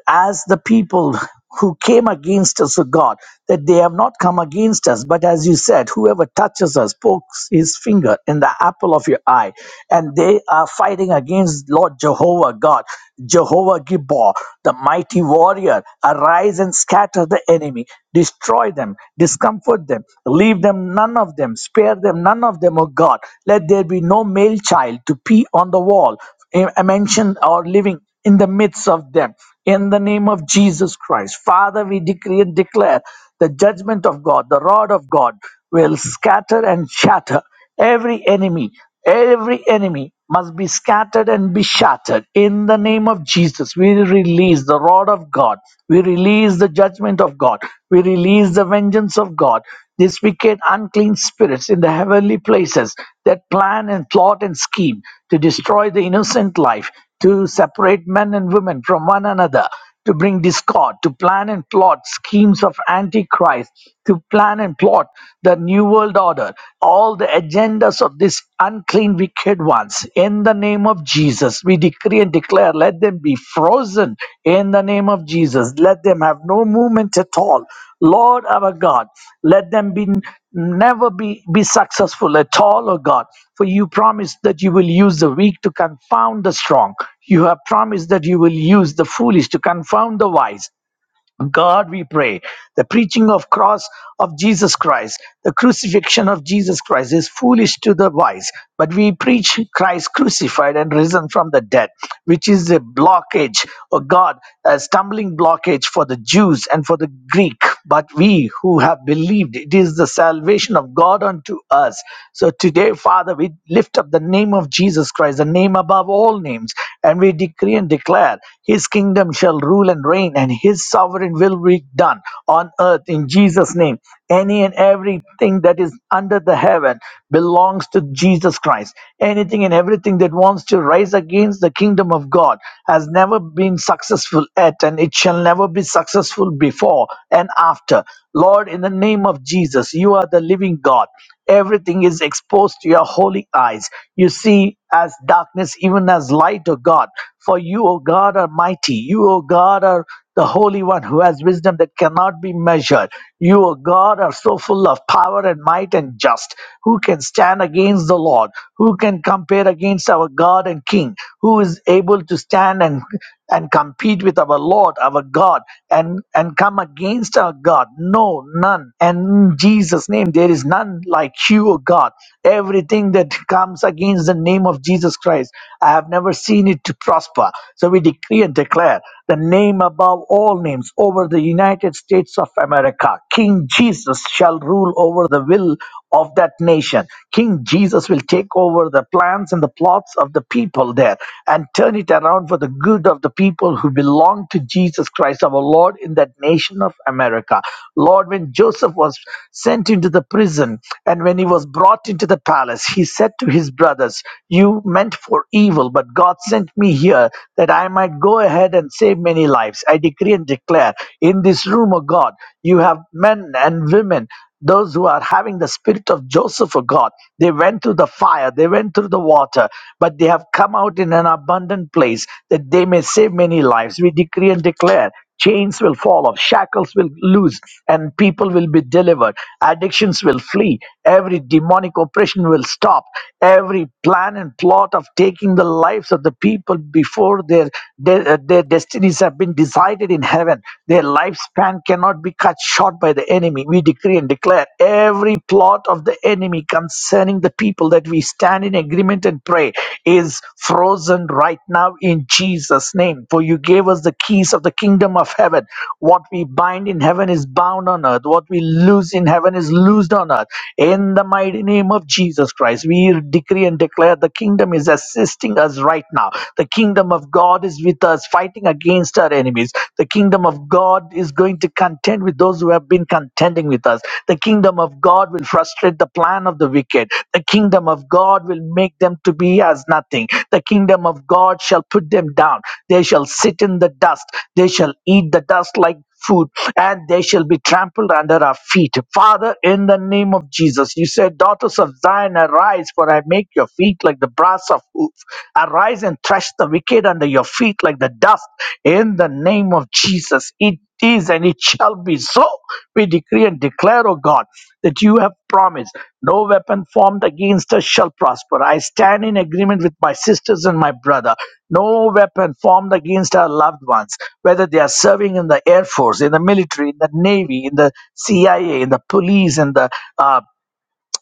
as the people who came against us, O God, that they have not come against us. But as you said, whoever touches us pokes his finger in the apple of your eye. And they are fighting against Lord Jehovah God, Jehovah Gibbor, the mighty warrior. Arise and scatter the enemy, destroy them, discomfort them, leave them, none of them, spare them, none of them, O God. Let there be no male child to pee on the wall, eh, mentioned or living in the midst of them. In the name of Jesus Christ, Father, we decree and declare the judgment of God, the rod of God will scatter and shatter every enemy. Every enemy must be scattered and be shattered. In the name of Jesus, we release the rod of God. We release the judgment of God. We release the vengeance of God. These wicked, unclean spirits in the heavenly places that plan and plot and scheme to destroy the innocent life to separate men and women from one another, to bring discord, to plan and plot schemes of Antichrist, to plan and plot the New World Order, all the agendas of these unclean, wicked ones. In the name of Jesus, we decree and declare, let them be frozen in the name of Jesus. Let them have no movement at all. Lord our God, let them be never be, be successful at all, O God. For you promised that you will use the weak to confound the strong. You have promised that you will use the foolish to confound the wise. God, we pray, the preaching of cross of Jesus Christ, the crucifixion of Jesus Christ is foolish to the wise, but we preach Christ crucified and risen from the dead, which is a blockage, oh God, a stumbling blockage for the Jews and for the Greek. But we who have believed, it is the salvation of God unto us. So today, Father, we lift up the name of Jesus Christ, the name above all names, and we decree and declare his kingdom shall rule and reign, and his sovereign will be done on earth in Jesus' name. Any and everything that is under the heaven belongs to Jesus Christ. Anything and everything that wants to rise against the kingdom of God has never been successful at, and it shall never be successful before and after. Lord, in the name of Jesus, you are the living God. Everything is exposed to your holy eyes. You see as darkness, even as light, O God. For you, O God, are mighty. You, O God, are the Holy One who has wisdom that cannot be measured. You, O God, are so full of power and might and just. Who can stand against the Lord? Who can compare against our God and King? Who is able to stand and and compete with our Lord, our God, and, and come against our God. No, none. And in Jesus' name, there is none like you, O God. Everything that comes against the name of Jesus Christ, I have never seen it to prosper. So we decree and declare the name above all names over the United States of America. King Jesus shall rule over the will of that nation. King Jesus will take over the plans and the plots of the people there and turn it around for the good of the people who belong to Jesus Christ, our Lord, in that nation of America. Lord, when Joseph was sent into the prison and when he was brought into the palace, he said to his brothers, You meant for evil, but God sent me here that I might go ahead and save many lives. I decree and declare in this room, O God, you have men and women those who are having the spirit of Joseph, of God, they went through the fire, they went through the water, but they have come out in an abundant place that they may save many lives. We decree and declare. Chains will fall off, shackles will loose, and people will be delivered. Addictions will flee. Every demonic oppression will stop. Every plan and plot of taking the lives of the people before their, their, their destinies have been decided in heaven. their their lifespan cannot be cut short by the enemy. We decree and declare every plot of the enemy concerning the people that we stand in agreement and pray is frozen right now in Jesus' name. For you gave us the keys of the kingdom of heaven. What we bind in heaven is bound on earth. What we loose in heaven is loosed on earth. In the mighty name of Jesus Christ, we decree and declare the kingdom is assisting us right now. The kingdom of God. God is with us, fighting against our enemies. The kingdom of God is going to contend with those who have been contending with us. The kingdom of God will frustrate the plan of the wicked. The kingdom of God will make them to be as nothing. The kingdom of God shall put them down. They shall sit in the dust. They shall eat the dust like food, and they shall be trampled under our feet. Father, in the name of Jesus, you said, Daughters of Zion, arise, for I make your feet like the brass of hoof. Arise and thresh the wicked under your feet like the dust. In the name of Jesus, it is and it shall be so. We decree decree and declare, O God, that you have promised no weapon formed against us shall prosper. I stand in agreement with my sisters and my brother. No weapon formed against our loved ones, whether they are serving in the Air Force, in the military, in the Navy, in the CIA, in the police, in the uh,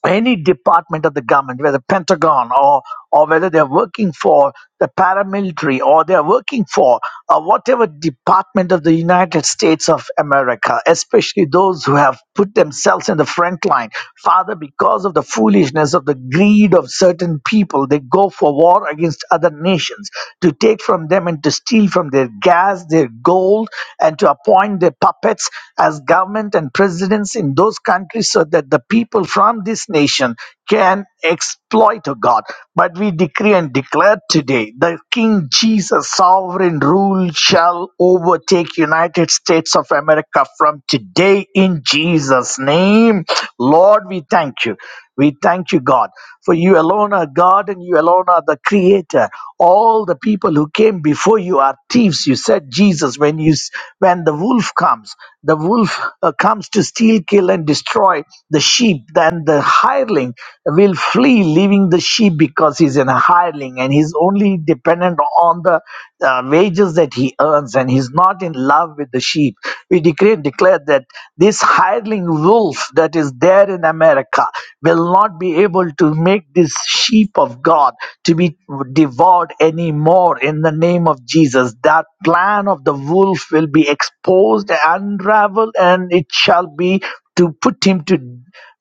any department of the government, whether Pentagon or or whether they're working for the paramilitary or they're working for uh, whatever department of the United States of America, especially those who have put themselves in the front line. Father, because of the foolishness of the greed of certain people, they go for war against other nations to take from them and to steal from their gas, their gold, and to appoint their puppets as government and presidents in those countries so that the people from this nation can exploit oh God. But we decree and declare today the King Jesus sovereign rule shall overtake United States of America from today in Jesus' name. Lord, we thank you. We thank you, God, for you alone are God and you alone are the creator. All the people who came before you are thieves. You said, Jesus, when you s- when the wolf comes, the wolf uh, comes to steal, kill, and destroy the sheep. Then the hireling will flee, leaving the sheep because he's in a hireling and he's only dependent on the uh, wages that he earns and he's not in love with the sheep. We decree and declare that this this hireling wolf that is there in America will not be able to make this sheep of God to be devoured anymore in the name of Jesus. That plan of the wolf will be exposed, unraveled, and it shall be to put him to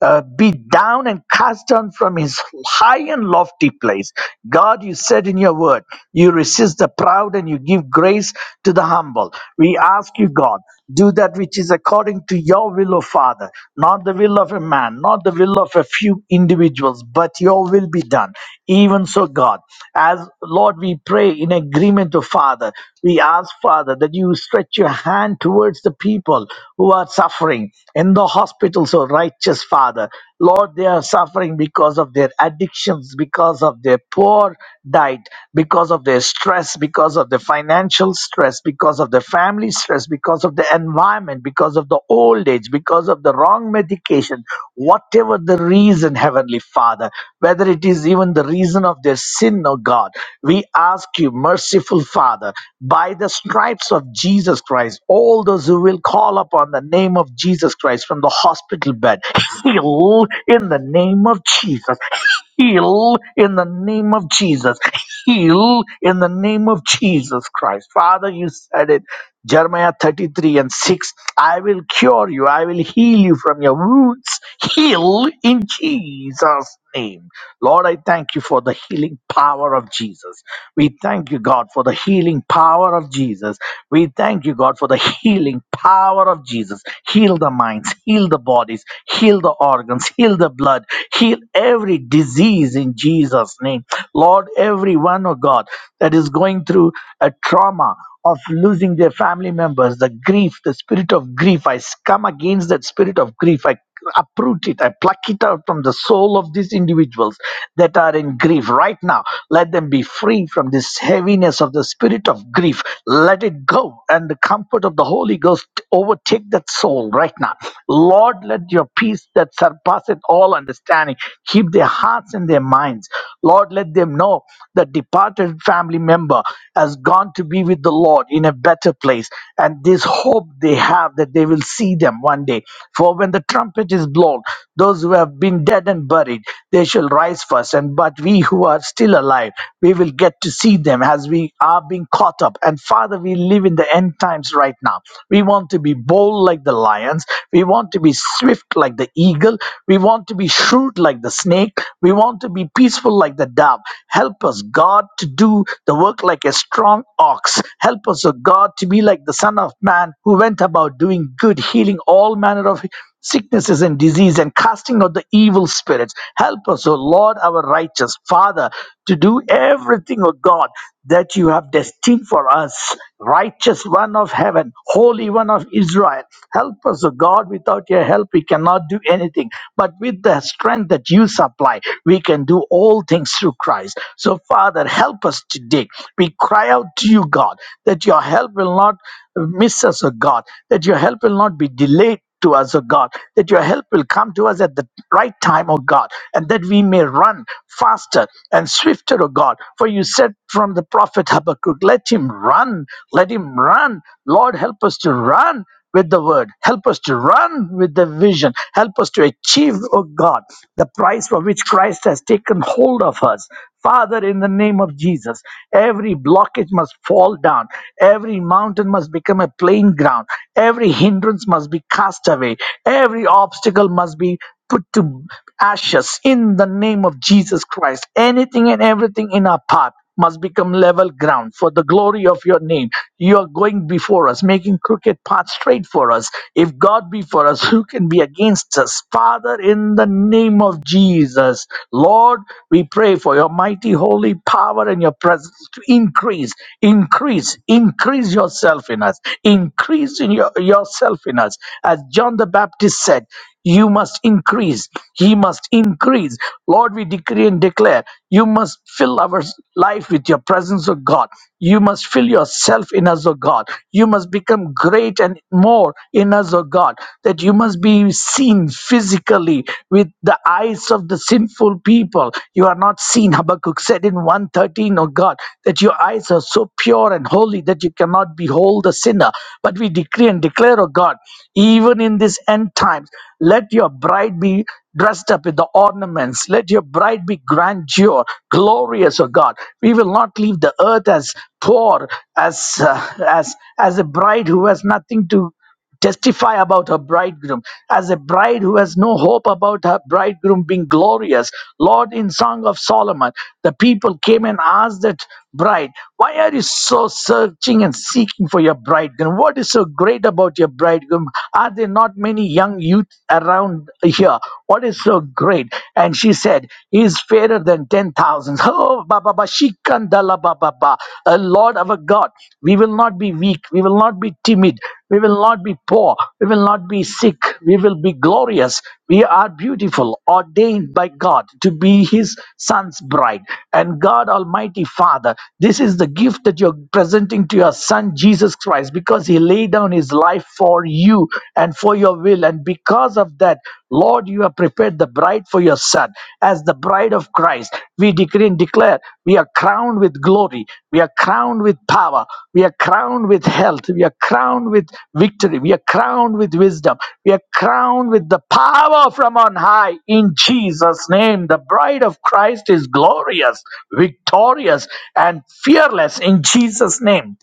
uh, be down and cast down from his high and lofty place. God, you said in your word, you resist the proud and you give grace to the humble. We ask you, God, do that which is according to your will, O Father, not the will of a man, not the will of a few individuals, but your will be done. Even so, God, as Lord. Lord, we pray in agreement to Father. We ask, Father, that you stretch your hand towards the people who are suffering in the hospitals, oh righteous Father. Lord, they are suffering because of their addictions, because of their poor diet, because of their stress, because of the financial stress, because of the family stress, because of the environment retirement, because of the old age, because of the wrong medication, whatever the reason, Heavenly Father, whether it is even the reason of their sin, O God, we ask you, merciful Father, by the stripes of Jesus Christ, all those who will call upon the name of Jesus Christ from the hospital bed, heal in the name of Jesus heal in the name of Jesus. Heal in the name of Jesus Christ. Father, you said it. Jeremiah 33 and 6 I will cure you, I will heal you from your wounds. Heal in Jesus' name. Lord, I thank you for the healing power of Jesus. We thank you, God, for the healing power of Jesus. We thank you, God, for the healing power of Jesus. Heal the minds, heal the bodies, heal the organs, heal the blood, heal every disease in Jesus' name. Lord, everyone, oh God that is going through a trauma of losing their family members, the grief, the spirit of grief. I come against that spirit of grief. I uproot it. I pluck it out from the soul of these individuals that are in grief right now. Let them be free from this heaviness of the spirit of grief. Let it go and the comfort of the Holy Ghost overtake that soul right now. Lord, let your peace that surpasseth all understanding keep their hearts and their minds. Lord, let them know that departed family member has gone to be with the Lord in a better place. And this hope they have that they will see them one day. For when the trumpet is blown, those who have been dead and buried, they shall rise first. And but we who are still alive, we will get to see them as we are being caught up. And Father, we live in the end times right now. We want to be bold like the lions. We want to be swift like the eagle. We want to be to be shrewd like the snake. We want to be peaceful like the dove. Help us, God, to do the work like a strong ox. Help us, O God, to be like the Son of Man who went about doing good, healing all manner of sicknesses and disease and casting out the evil spirits. Help us, O Lord, our righteous Father, to do everything, O God, that you have destined for us. Righteous one of heaven, holy one of Israel. Help us, O God, without your help, we cannot do anything. But with the strength that you supply, we can do all things through Christ. So, Father, help us today. We cry out to you, God, that your help will not miss us, O God, that your help will not be delayed. To us, O God, that your help will come to us at the right time, O God, and that we may run faster and swifter, O God. For you said from the prophet Habakkuk, Let him run, let him run. Lord, help us to run with the word. Help us to run with the vision. Help us to achieve, oh God, the price for which Christ has taken hold of us. Father, in the name of Jesus, every blockage must fall down. Every mountain must become a plain ground. Every hindrance must be cast away. Every obstacle must be put to ashes in the name of Jesus Christ. Anything and everything in our path must become level ground for the glory of your name. You are going before us, making crooked paths straight for us. If God be for us, who can be against us? Father, in the name of Jesus, Lord, we pray for your mighty holy power and your presence to increase, increase, increase yourself in us, increase in your, yourself in us. As John the Baptist said, you must increase, he must increase. Lord, we decree been declared. You must fill our life with your presence, O God. You must fill yourself in us, O God. You must become great and more in us, O God. That you must be seen physically with the eyes of the sinful people. You are not seen, Habakkuk said in 113, O God, that your eyes are so pure and holy that you cannot behold the sinner. But we decree and declare, O God, even in this end times, let your bride be dressed up with the ornaments. Let your bride be grandeur, glorious, O God. We will not leave the earth as poor, as uh, as as a bride who has nothing to testify about her bridegroom as a bride who has no hope about her bridegroom being glorious lord in song of solomon the people came and asked that bride why are you so searching and seeking for your bridegroom what is so great about your bridegroom are there not many many young youth around here. What is so great? And she said, He is fairer than 10,000. Oh, Baba, ba, Shikandala, Baba, ba. Uh, Lord our God, we will not be weak. We will not be timid. We will not be poor. We will not be sick. We will be glorious. We are beautiful, ordained by God to be His Son's bride. And God Almighty Father, this is the gift that you're presenting to your Son Jesus Christ because He laid down His life for you and for your will. And because of that, Lord, you have prepared the bride for your Son as the bride of Christ. We we decree and declare we are crowned with glory, we are crowned with power, we are crowned with health, we are crowned with victory, we are crowned with wisdom, we are crowned with the power from on high. In Jesus' name, the bride of Christ is glorious, victorious, and fearless in Jesus' name.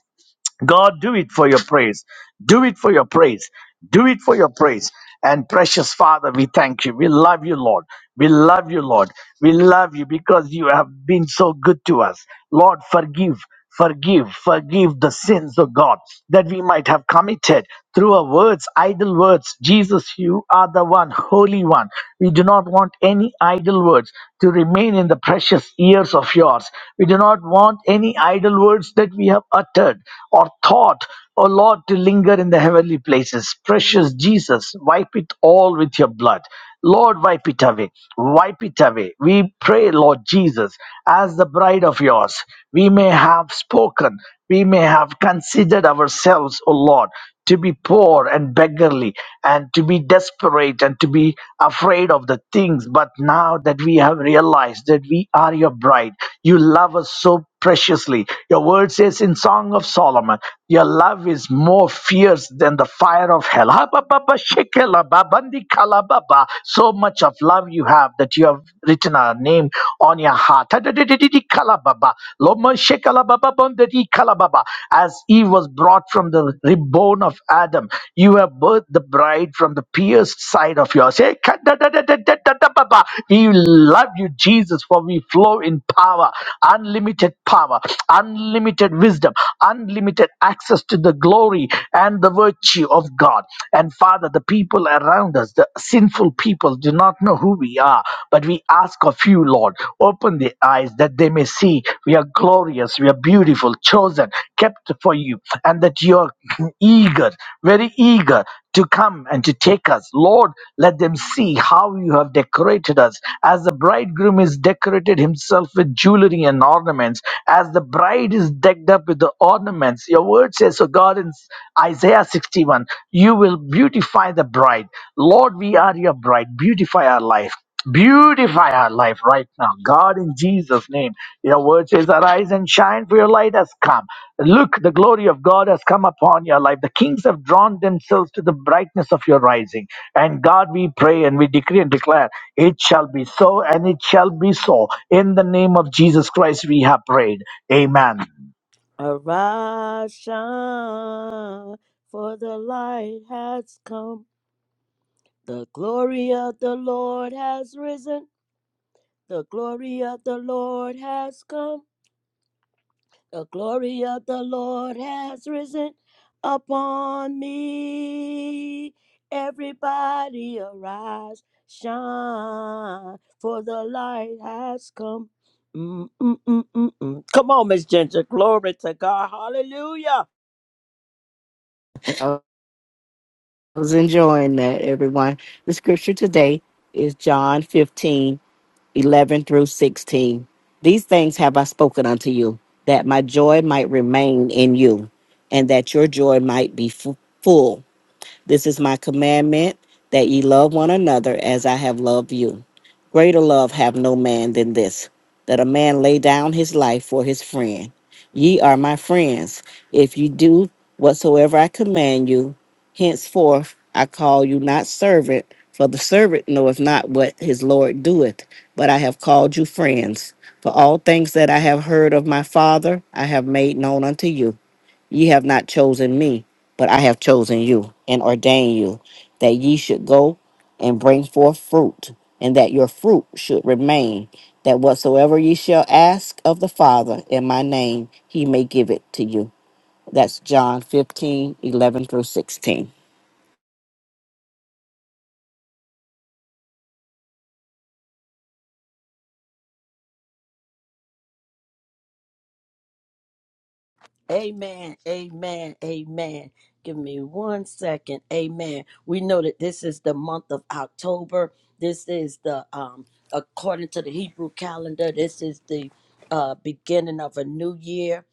God, do it for your praise. Do it for your praise. Do it for your praise. And precious Father, we thank you. We love you, Lord. We love you, Lord. We love you because you have been so good to us. Lord, forgive, forgive, forgive the sins of God that we might have committed through our words, idle words. Jesus, you are the one, Holy One. We do not want any idle words to remain in the precious ears of yours. We do not want any idle idle words that we have uttered or thought, O Lord, to linger in the heavenly places. Precious Jesus, wipe it all with your blood. Lord, wipe it away. Wipe it away. We pray, Lord Jesus, as the bride of yours, we may have spoken, we may have considered ourselves, O Lord to be poor and beggarly and to be desperate and to be afraid of the things. But now that we have realized that we are your bride, you love us so preciously. Your word says in Song of Solomon, your love is more fierce than the fire of hell. Ha, ba, ba, ba, shekela, ba, bandi, kala, ba, ba. So much of love you have that you have written our name on your heart kalababa, loma shekalababa kalababa. As Eve was brought from the rib bone of Adam, you have birthed the bride from the pierced side of yours. Hey, We love you, Jesus, for we flow in power, unlimited power, unlimited wisdom, unlimited access to the glory and the virtue of God. And Father, the people around us, the sinful people, do not know who we are, but we ask of you, Lord, open their eyes that they may see we are glorious, we are beautiful, chosen, kept for you, and that you are eager, very eager to come and to take us. Lord, let them see how you have decorated us as the bridegroom is decorated himself with jewelry and ornaments ornaments, as the bride is decked up with the ornaments. Your word says, so God in Isaiah 61, you will beautify the bride. Lord, we are your bride. Beautify our life. Beautify our life right now. God, in Jesus' name. Your word says, Arise and shine, for your light has come. Look, the glory of God has come upon your life. The kings have drawn themselves to the brightness of your rising. And God, we pray and we decree and declare. It shall be so, and it shall be so. In the name of Jesus Christ, we have prayed. Amen. Arise, shine, for the light has come. The glory of the Lord has risen. The glory of the Lord has come. The glory of the Lord has risen upon me. Everybody arise, shine, for the light has come. Mm, mm, mm, mm, mm. Come on, Miss Ginger. Glory to God. Hallelujah. I was enjoying that, everyone. The scripture today is John 15 11 through 16. These things have I spoken unto you, that my joy might remain in you, and that your joy might be fu- full. This is my commandment that ye love one another as I have loved you. Greater love have no man than this, that a man lay down his life for his friend. Ye are my friends, if ye do whatsoever I command you. Henceforth I call you not servant, for the servant knoweth not what his Lord doeth, but I have called you friends. For all things that I have heard of my Father, I have made known unto you. Ye have not chosen me, but I have chosen you and ordained you that ye should go and bring forth fruit, and that your fruit should remain, that whatsoever ye shall ask of the Father in my name, he may give it to you. That's John 15 11 through 16. Amen. Amen. Amen. Give me one second. Amen. We know that this is the month of October. This is the um according to the Hebrew calendar, this is the uh beginning of a new year.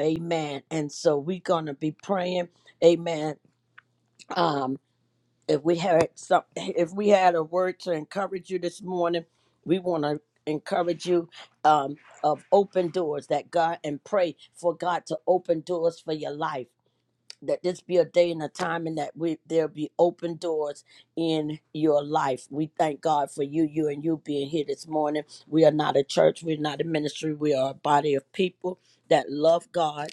Amen. And so we're gonna be praying. Amen. Um, if we had some if we had a word to encourage you this morning we want to encourage you um, of open doors that god and pray for god to open doors for your life that this be a day and a time and that we there'll be open doors in your life we thank god for you you and you being here this morning we are not a church we're not a ministry we are a body of people that love god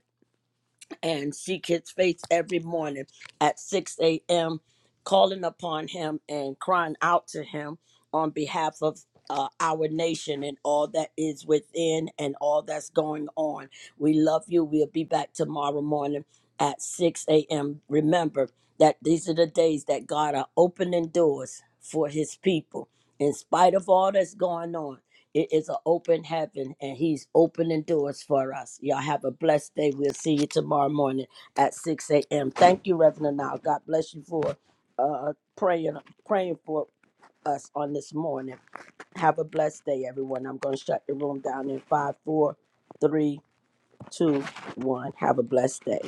and see kids' face every morning at 6 a.m., calling upon him and crying out to him on behalf of uh, our nation and all that is within and all that's going on. We love you. We'll be back tomorrow morning at 6 a.m. Remember that these are the days that God are opening doors for his people. In spite of all that's going on, it is an open heaven, and He's opening doors for us. Y'all have a blessed day. We'll see you tomorrow morning at 6 a.m. Thank you, Reverend Now, God bless you for uh, praying, praying for us on this morning. Have a blessed day, everyone. I'm going to shut the room down in five, four, three, two, one. Have a blessed day.